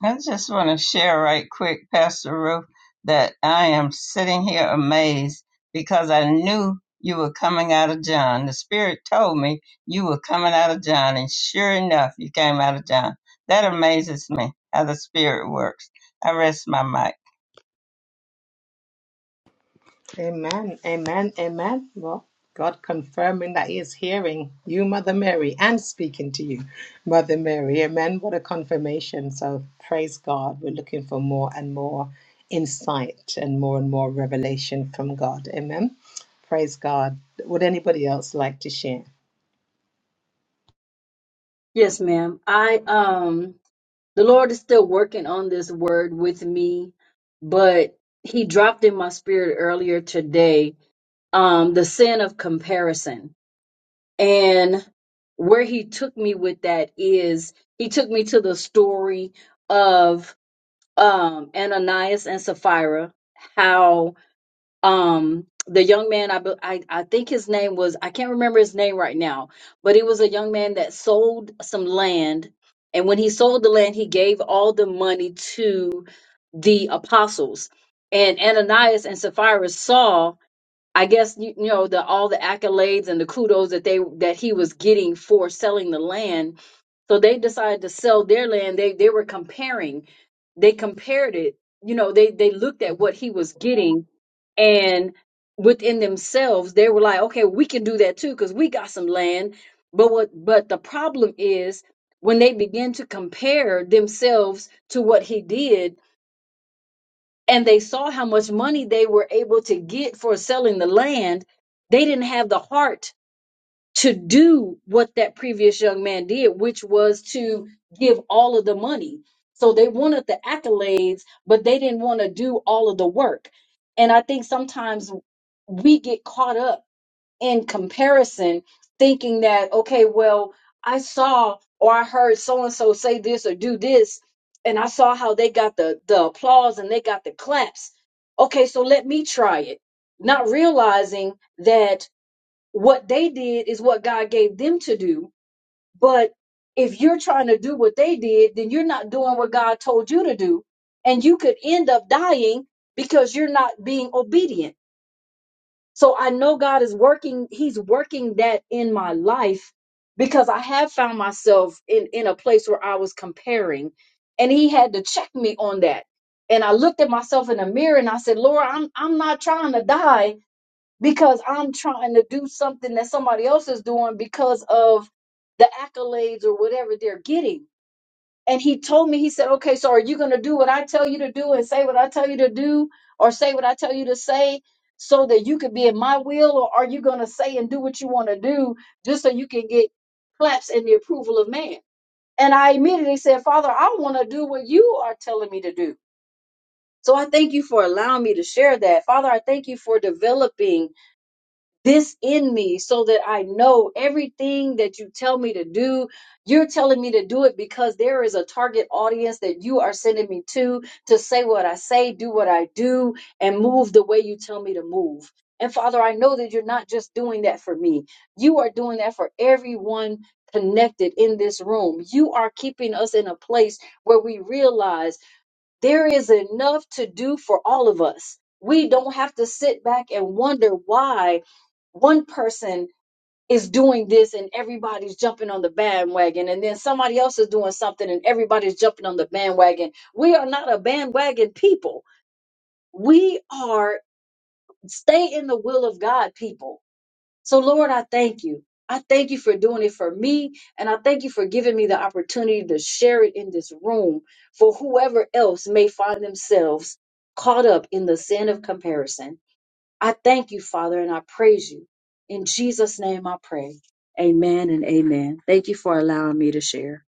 [SPEAKER 1] I just want to share right quick, Pastor Ruth, that I am sitting here amazed because I knew you were coming out of John. The Spirit told me you were coming out of John, and sure enough, you came out of John. That amazes me how the Spirit works. I rest my mic.
[SPEAKER 12] Yes, ma'am. I um the Lord is still working on this word with me, but he dropped in my spirit earlier today um the sin of comparison. And where he took me with that is he took me to the story of um Ananias and Sapphira, how um the young man I, be- I i think his name was i can't remember his name right now but he was a young man that sold some land and when he sold the land he gave all the money to the apostles and ananias and sapphira saw i guess you, you know the all the accolades and the kudos that they that he was getting for selling the land so they decided to sell their land. They they were comparing. They compared it. You know, they they looked at what he was getting, and within themselves, they were like, okay, we can do that too because we got some land. But what? But the problem is when they begin to compare themselves to what he did, and they saw how much money they were able to get for selling the land. They didn't have the heart to do what that previous young man did, which was to give all of the money. So they wanted the accolades, but they didn't want to do all of the work. And I think sometimes we get caught up in comparison, thinking that, okay, well, I saw or I heard so and so say this or do this, and I saw how they got the, the applause and they got the claps. Okay, so let me try it. Not realizing that what they did is what God gave them to do. But if you're trying to do what they did, then you're not doing what God told you to do. And you could end up dying because you're not being obedient. So I know God is working, He's working that in my life because I have found myself in, in a place where I was comparing and He had to check me on that. And I looked at myself in the mirror and I said, "Lord, I'm, I'm not trying to die because I'm trying to do something that somebody else is doing because of the accolades or whatever they're getting. And he told me, he said, okay, so are you going to do what I tell you to do and say what I tell you to do or say what I tell you to say so that you could be in my will? Or are you going to say and do what you want to do just so you can get claps and the approval of man? And I immediately said, Father, I want to do what you are telling me to do. So I thank you for allowing me to share that. Father, I thank you for developing this in me so that I know everything that you tell me to do. You're telling me to do it because there is a target audience that you are sending me to to say what I say, do what I do, and move the way you tell me to move. And Father, I know that you're not just doing that for me, you are doing that for everyone. Connected in this room. You are keeping us in a place where we realize. There is enough to do for all of us. We don't have to sit back and wonder why one person is doing this and everybody's jumping on the bandwagon, and then somebody else is doing something and everybody's jumping on the bandwagon. We are not a bandwagon people. We are stay in the will of God people so, Lord, I thank you. I thank you for doing it for me. And I thank you for giving me the opportunity to share it in this room for whoever else may find themselves caught up in the sin of comparison. I thank you, Father, and I praise you. In Jesus' name I pray. Amen and amen. Thank you for allowing me to share.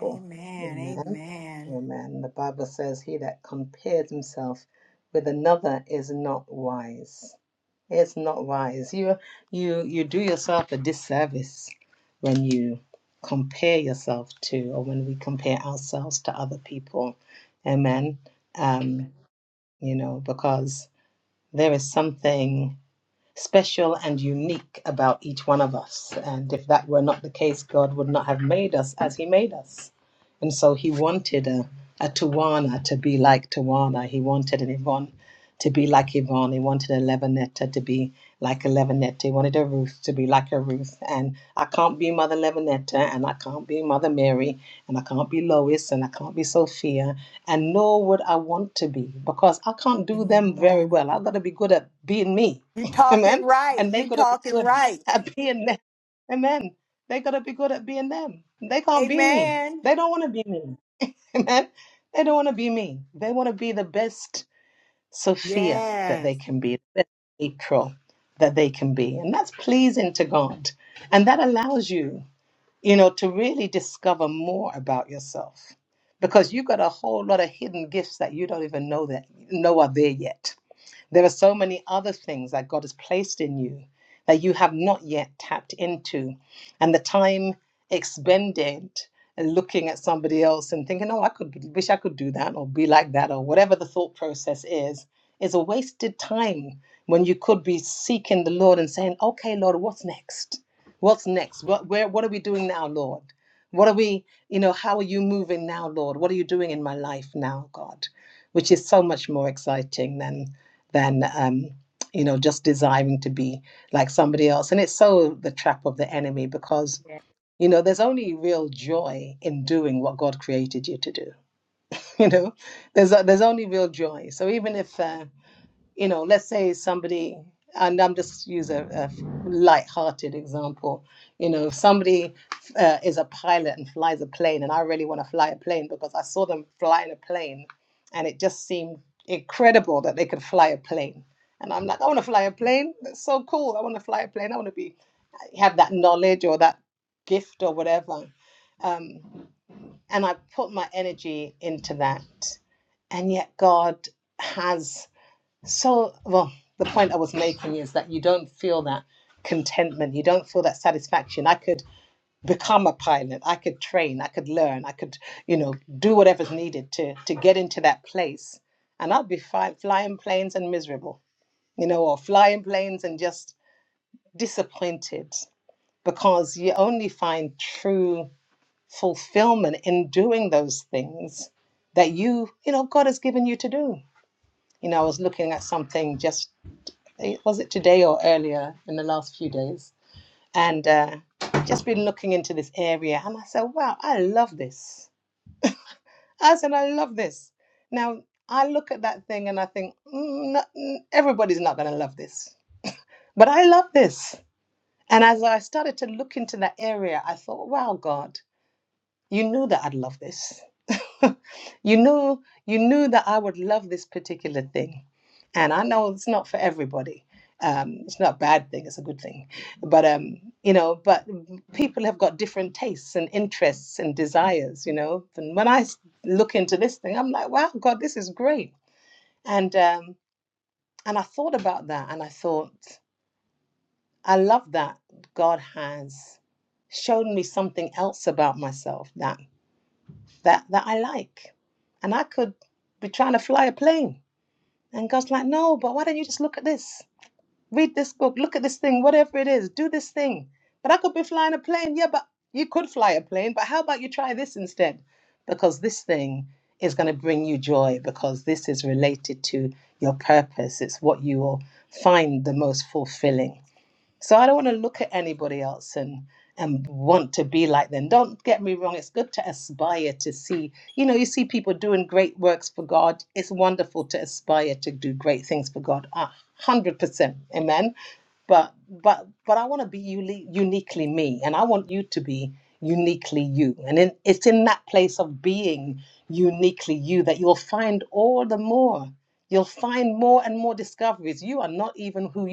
[SPEAKER 10] Amen. Amen. Amen. You talking right. You talking right. Amen. Yes.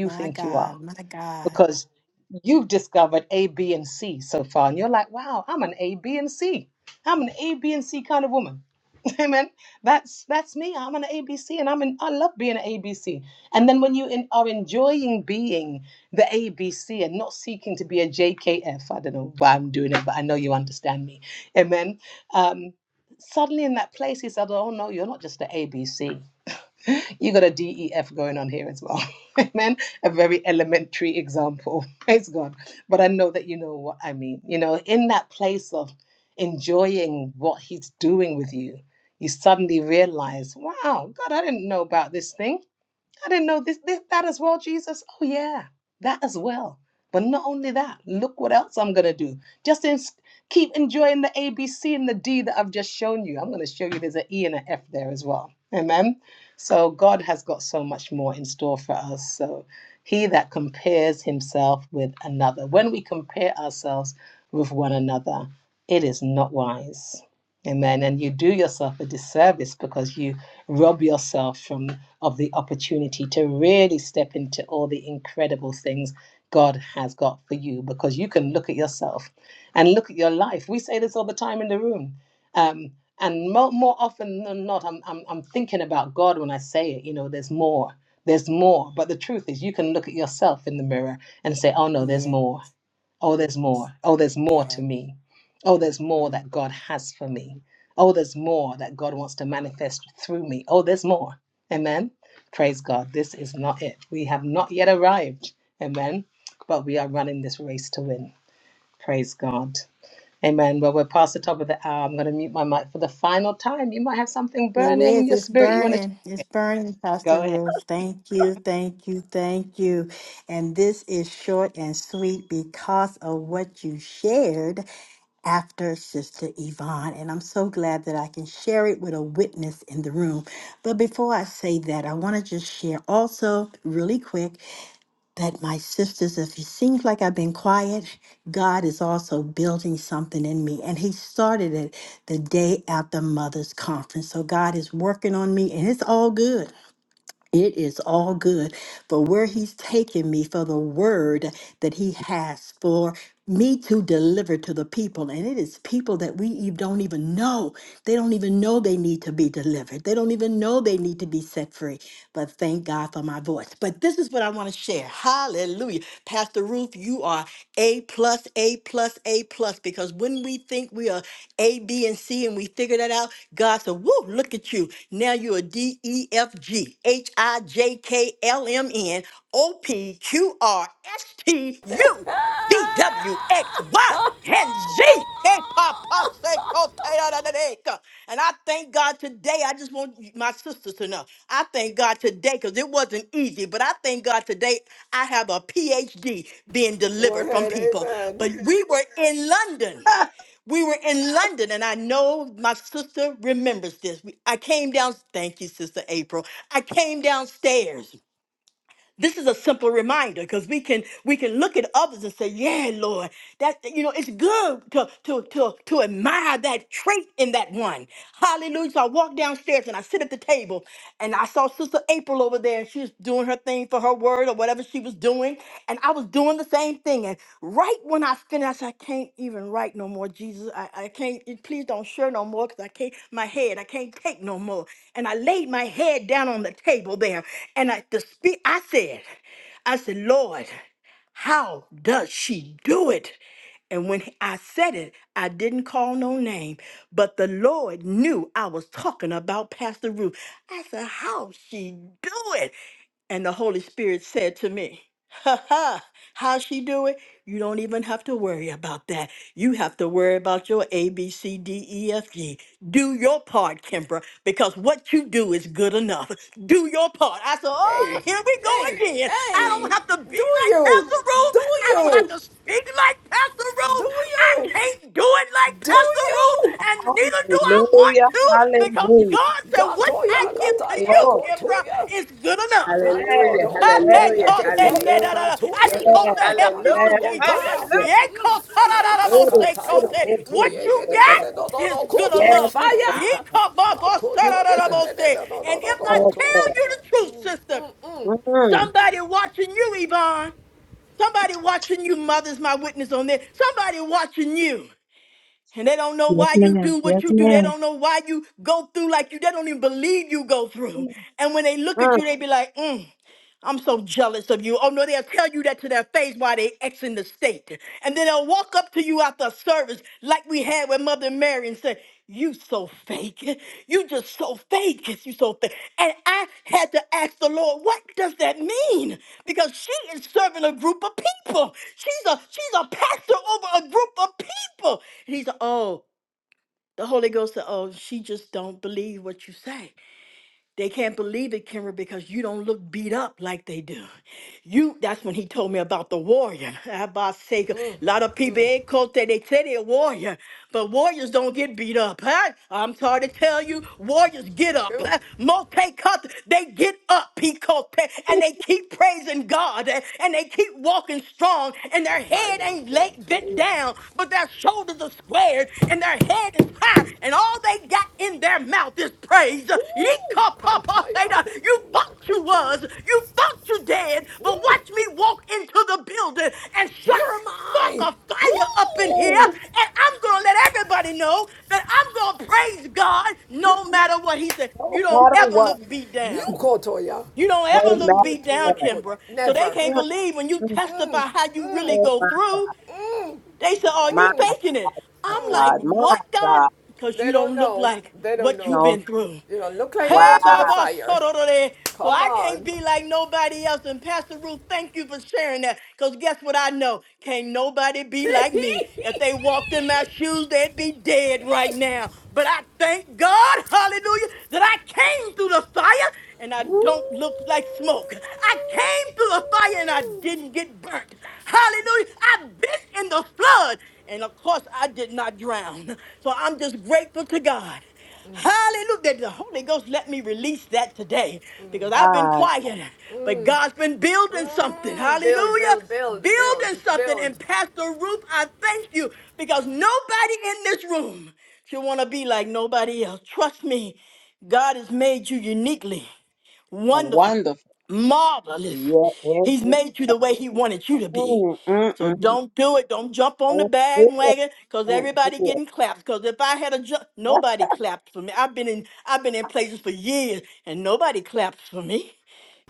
[SPEAKER 10] My God. My God. Yes. yes. It is. It's burning. It's burning, Pastor Ruth. Thank you. Thank you. Thank you. And this is short and sweet because of what you shared after Sister Yvonne. And I'm so glad that I can share it with a witness in the room. But before I say that, I want to just share also, really quick, that my sisters, if it seems like I've been quiet, God is also building something in me. And He started it the day after Mother's Conference. So God is working on me, and it's all good. It is all good for where he's taken me for the word that he has for me to deliver to the people. And it is people that we eve- don't even know. They don't even know they need to be delivered. They don't even know they need to be set free. But thank God for my voice. But this is what I want to share. Hallelujah. Pastor Ruth, you are A plus, A plus, A plus, because when we think we are A, B, and C and we figure that out, said, Woo, look at you. Now you're a D E F G H I J K L M N O P Q R S T U V W X Y and Z. Hey, Papa, say, "Kote da da da da." And I thank God today. I just want you- my sisters to know. I thank God today because it wasn't easy, but I thank God today I have a PhD being
[SPEAKER 8] Go
[SPEAKER 10] delivered from
[SPEAKER 8] ahead,
[SPEAKER 10] people. But
[SPEAKER 8] amen.
[SPEAKER 10] we were in London. We were in London, and I know my sister remembers this. We- I came down, thank you, Sister April. I came downstairs. This is a simple reminder because we can we can look at others and say, "Yeah, Lord, that you know it's good to to to to admire that trait in that one." Hallelujah! So I walked downstairs and I sit at the table, and I saw Sister April over there. She was doing her thing for her word or whatever she was she was doing, and I was doing the same thing. And right when I finished, I said, I can't even write no more, Jesus. I, I can't, eh, please don't share no more because I can't, my head, I can't take no more. And I laid my head down on the table there, and I, the speak, I said, I said, Lord, how does she do it? And when I said it, I didn't call no name, but the Lord knew I was talking about Pastor Ruth. I said, How she do it? And the Holy Spirit said to me, Ha ha, how she do it? You don't even have to worry about that. You have to worry about your A, B, C, D, E, F, G. Do your part, Kimbra, because what you do is good enough. Do your part. I said, oh,
[SPEAKER 8] Hey,
[SPEAKER 10] here we go
[SPEAKER 8] hey,
[SPEAKER 10] again. I don't
[SPEAKER 8] hey,
[SPEAKER 10] have to be
[SPEAKER 8] do
[SPEAKER 10] like
[SPEAKER 8] you?
[SPEAKER 10] Pastor Ruth.
[SPEAKER 8] Do
[SPEAKER 10] I don't have
[SPEAKER 8] you?
[SPEAKER 10] to speak like Pastor Ruth. I
[SPEAKER 8] Oh,
[SPEAKER 10] can't do it like Pastor Ruth,
[SPEAKER 8] oh,
[SPEAKER 10] and neither do I want to because
[SPEAKER 11] Oh,
[SPEAKER 10] God said, What I
[SPEAKER 8] Gatoya,
[SPEAKER 10] give to you,
[SPEAKER 8] Kataya,
[SPEAKER 10] Kimbra,
[SPEAKER 8] Kotoya.
[SPEAKER 10] is good enough.
[SPEAKER 8] Nandio,
[SPEAKER 3] Hallelujah,
[SPEAKER 10] I had
[SPEAKER 8] Kotoya,
[SPEAKER 3] hallelujah,
[SPEAKER 10] caught that-
[SPEAKER 8] Keteya,
[SPEAKER 10] that-
[SPEAKER 3] hallelujah.
[SPEAKER 10] that- that- I
[SPEAKER 8] Kantoya,
[SPEAKER 10] just
[SPEAKER 8] da
[SPEAKER 10] hope
[SPEAKER 8] da da
[SPEAKER 10] that
[SPEAKER 8] da
[SPEAKER 10] helped
[SPEAKER 8] da
[SPEAKER 10] you,
[SPEAKER 8] da da,
[SPEAKER 11] yeah.
[SPEAKER 10] Sister
[SPEAKER 3] Hallelujah.
[SPEAKER 10] Yvonne.
[SPEAKER 8] Kontoya.
[SPEAKER 3] Hallelujah.
[SPEAKER 11] Yes,
[SPEAKER 10] Yeah, caught- da- da- da-
[SPEAKER 8] Mm,
[SPEAKER 10] da-
[SPEAKER 8] da,
[SPEAKER 10] bo-
[SPEAKER 11] Lord.
[SPEAKER 10] say, caught
[SPEAKER 8] Kataya,
[SPEAKER 10] that. What
[SPEAKER 8] Kontoya, da
[SPEAKER 10] you
[SPEAKER 8] da
[SPEAKER 10] got
[SPEAKER 8] da da da da
[SPEAKER 10] is
[SPEAKER 8] no,
[SPEAKER 10] good
[SPEAKER 11] Yes,
[SPEAKER 8] Koto,
[SPEAKER 10] enough. Yeah,
[SPEAKER 8] fire.
[SPEAKER 10] caught- bo-
[SPEAKER 8] Ma
[SPEAKER 10] bo- da da
[SPEAKER 8] Koto,
[SPEAKER 10] da
[SPEAKER 8] da
[SPEAKER 10] da
[SPEAKER 8] da da
[SPEAKER 10] bo-
[SPEAKER 8] da
[SPEAKER 10] say.
[SPEAKER 8] da da
[SPEAKER 10] And
[SPEAKER 8] no
[SPEAKER 10] if
[SPEAKER 8] no,
[SPEAKER 10] I
[SPEAKER 8] Koto.
[SPEAKER 10] tell
[SPEAKER 11] Lord.
[SPEAKER 10] you the truth, sister, Somebody watching you, Yvonne. Somebody watching you, mother's my witness on this. Somebody watching you. And they don't know
[SPEAKER 12] Yes,
[SPEAKER 10] why you
[SPEAKER 12] ma'am.
[SPEAKER 10] do what
[SPEAKER 12] Yes,
[SPEAKER 10] you do. They
[SPEAKER 12] ma'am.
[SPEAKER 10] don't know why you go through like you. They don't even believe you go through. And when they look at you, they be like, mm. I'm so jealous of you. Oh no, they'll tell you that to their face while they exiting the state. And then they'll walk up to you after a service like we had with Mother Mary and say, You so fake. You just so fake. You so fake. And I had to ask the Lord, what does that mean? Because she is serving a group of people. She's a she's a pastor over a group of people. And he's oh, the Holy Ghost said, Oh, she just don't believe what you say. They can't believe it, Kimber, because you don't look beat up like they do. You that's when he told me about the warrior. [laughs] Abba Sega. A lot of people ain't called that. They say they're a warrior, but warriors don't get beat up. Huh? I'm sorry to tell you, warriors get up.
[SPEAKER 8] Ew,
[SPEAKER 10] Huh? Multicut, they get up, Picote, and they keep praising God eh, and they keep walking strong, and their head
[SPEAKER 8] Kataya,
[SPEAKER 10] ain't laid bent down
[SPEAKER 8] Konto.
[SPEAKER 10] down, but their shoulders are squared and their head is high, and all they got in their mouth is praise.
[SPEAKER 8] 오, 강타야
[SPEAKER 10] Yee-ka-pa-pa-theta. You
[SPEAKER 8] 고통야
[SPEAKER 10] thought you
[SPEAKER 8] 카트야
[SPEAKER 10] was, you thought you dead,
[SPEAKER 8] 음,
[SPEAKER 10] but watch me walk into the building and
[SPEAKER 8] here
[SPEAKER 10] shut
[SPEAKER 8] am I
[SPEAKER 10] spark a fire up in here,
[SPEAKER 8] 오,
[SPEAKER 10] and I'm gonna let everybody know that I'm gonna praise God no matter what. He said, You don't ever look beat down.
[SPEAKER 8] 뮤코토야
[SPEAKER 10] You don't
[SPEAKER 11] no
[SPEAKER 10] ever
[SPEAKER 11] matter
[SPEAKER 10] look beat down,
[SPEAKER 11] what.
[SPEAKER 8] 카토야 코
[SPEAKER 10] Kimbra. So they
[SPEAKER 8] never
[SPEAKER 10] can't believe when you
[SPEAKER 11] Mm-mm.
[SPEAKER 10] testify how you really
[SPEAKER 11] Oh
[SPEAKER 10] go
[SPEAKER 11] my,
[SPEAKER 10] through. They said, "Are you
[SPEAKER 11] [laughs] my
[SPEAKER 10] faking it?" I'm like,
[SPEAKER 11] God, my
[SPEAKER 10] "What, God?
[SPEAKER 11] God,
[SPEAKER 10] Because
[SPEAKER 8] they
[SPEAKER 10] you
[SPEAKER 8] don't
[SPEAKER 10] don't look
[SPEAKER 8] know
[SPEAKER 10] like
[SPEAKER 8] they don't
[SPEAKER 10] what you've
[SPEAKER 8] know
[SPEAKER 11] no,
[SPEAKER 10] been through."
[SPEAKER 8] you don't look like you
[SPEAKER 11] my
[SPEAKER 10] Hey,
[SPEAKER 8] went through the
[SPEAKER 10] Baba,
[SPEAKER 8] fire
[SPEAKER 10] sorority. so
[SPEAKER 8] come
[SPEAKER 10] I can't
[SPEAKER 8] on
[SPEAKER 10] be like nobody else. And Pastor Ruth, thank you for sharing that. Because guess what I know? Can't nobody be like me. If they walked in my
[SPEAKER 8] [laughs]
[SPEAKER 10] shoes, they'd be dead right now. But I thank God, hallelujah, that I came through the fire and I don't look like smoke. I came through the fire and I didn't get burnt. Hallelujah. I've been in the flood. And of course, I did not drown. So I'm just grateful to God. Hallelujah. That The Holy Ghost let me release that today because I've been
[SPEAKER 11] God,
[SPEAKER 10] quiet, but God's been building something.
[SPEAKER 8] build
[SPEAKER 10] Hallelujah.
[SPEAKER 8] build build build
[SPEAKER 10] Building something. And
[SPEAKER 8] build
[SPEAKER 10] Pastor Ruth, I thank you because nobody in this room should want to be like nobody else. Trust me, God has made you uniquely wonderful
[SPEAKER 11] wonderful.
[SPEAKER 10] marvelous.
[SPEAKER 11] Yeah,
[SPEAKER 10] He's
[SPEAKER 11] every,
[SPEAKER 10] made you the way he wanted you to be.
[SPEAKER 11] mm, mm,
[SPEAKER 10] So
[SPEAKER 11] mm.
[SPEAKER 10] don't do it. Don't jump on the
[SPEAKER 11] Oh, good,
[SPEAKER 10] bandwagon because
[SPEAKER 11] oh,
[SPEAKER 10] everybody
[SPEAKER 11] good.
[SPEAKER 10] getting claps. Because if I had a jump, nobody clapped for me. I've been in I've been in places for years and nobody claps for me.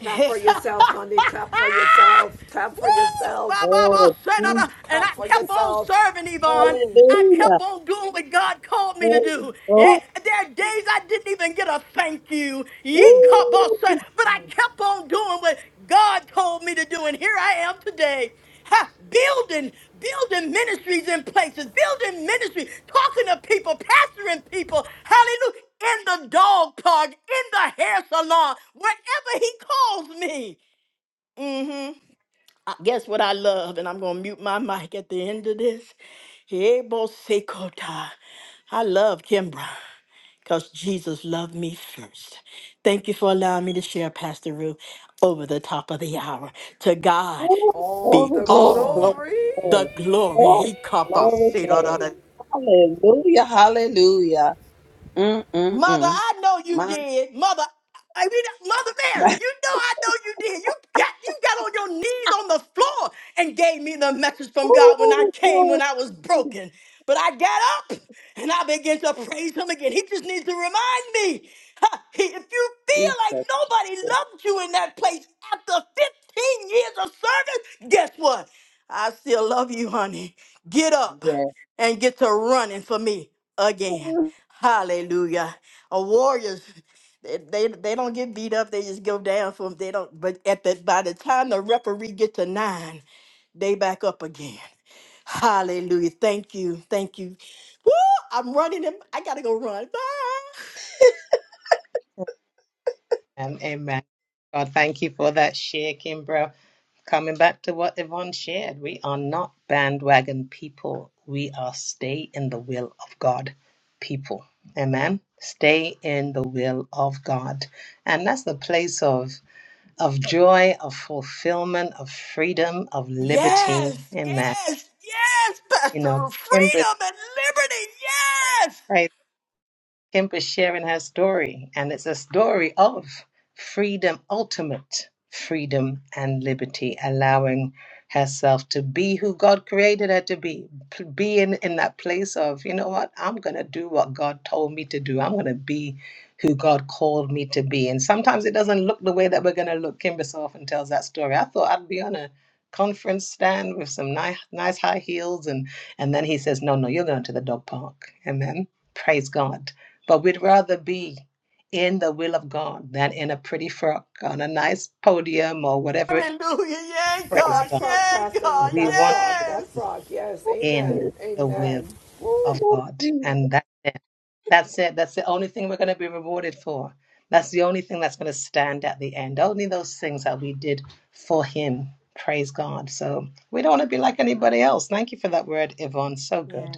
[SPEAKER 8] clap for
[SPEAKER 10] [laughs]
[SPEAKER 8] yourself honey clap for yourself clap
[SPEAKER 10] Woo!
[SPEAKER 8] for yourself
[SPEAKER 10] Ba, ba, ba,
[SPEAKER 11] Oh,
[SPEAKER 10] sha, da,
[SPEAKER 11] geez.
[SPEAKER 10] da. And I
[SPEAKER 8] clap for
[SPEAKER 10] kept on
[SPEAKER 8] yourself
[SPEAKER 10] serving, Yvonne. I
[SPEAKER 11] hallelujah.
[SPEAKER 10] kept on doing what God called me to
[SPEAKER 11] Oh,
[SPEAKER 10] do.
[SPEAKER 11] oh,
[SPEAKER 10] Yeah, there are days I didn't even get a thank you. Ye cup, ba, sha.
[SPEAKER 11] woo.
[SPEAKER 10] but I kept on doing what God told me to do. And here I am today. Ha, building, building ministries in places, building ministry, talking to people, pastoring people, hallelujah, in the dog park, in the hair salon, wherever he calls me. Mm-hmm. I- guess what I love, and I'm gonna mute my [laughs] mic at the end of this. Ebo sekota. I love Kimbra because Jesus loved me first. Thank you for allowing me to share, Pastor Ruth, over the top of the hour. To God
[SPEAKER 8] all
[SPEAKER 10] be
[SPEAKER 11] glory,
[SPEAKER 8] the
[SPEAKER 11] glory,
[SPEAKER 10] all
[SPEAKER 11] glory,
[SPEAKER 8] glory.
[SPEAKER 10] the
[SPEAKER 11] glory,
[SPEAKER 10] glory.
[SPEAKER 11] glory,
[SPEAKER 10] He cup us.
[SPEAKER 11] glory, glory.
[SPEAKER 10] Mother,
[SPEAKER 11] Hallelujah, hallelujah. Mm, mm, mm.
[SPEAKER 10] I know you
[SPEAKER 11] My,
[SPEAKER 10] did. Mother, I mean, Mother Mary,
[SPEAKER 11] my,
[SPEAKER 10] you know I know you did. You got you got on your knees on the floor and gave me the message
[SPEAKER 11] [laughs]
[SPEAKER 10] from God when I
[SPEAKER 11] oh,
[SPEAKER 10] came when
[SPEAKER 11] Lord
[SPEAKER 10] I was broken. But I got up and I began to praise him again. He just needs to remind me. ha, he- If you feel like
[SPEAKER 11] Jesus.
[SPEAKER 10] nobody loved you in that place after 15 years of service, guess what? I still love you, honey. Get up
[SPEAKER 11] Yes,
[SPEAKER 10] and get to running for me
[SPEAKER 11] Thank
[SPEAKER 10] again. Hallelujah. A warrior. They, they they don't get beat up. They just go down for them. They don't. But at the by the time the referee get to nine, they back up again. Hallelujah! Thank you, thank you. Woo! I'm running. Him. I gotta go run. Bye. Yes, yes, yes, Pastor. Freedom and liberty. Yes. Hallelujah. Yay,
[SPEAKER 8] With
[SPEAKER 10] God.
[SPEAKER 8] that frog,
[SPEAKER 10] Yay,
[SPEAKER 8] Pastor,
[SPEAKER 10] God.
[SPEAKER 8] that frog, that frog. Yes, amen, amen.
[SPEAKER 11] you, Jesus.
[SPEAKER 10] Yes.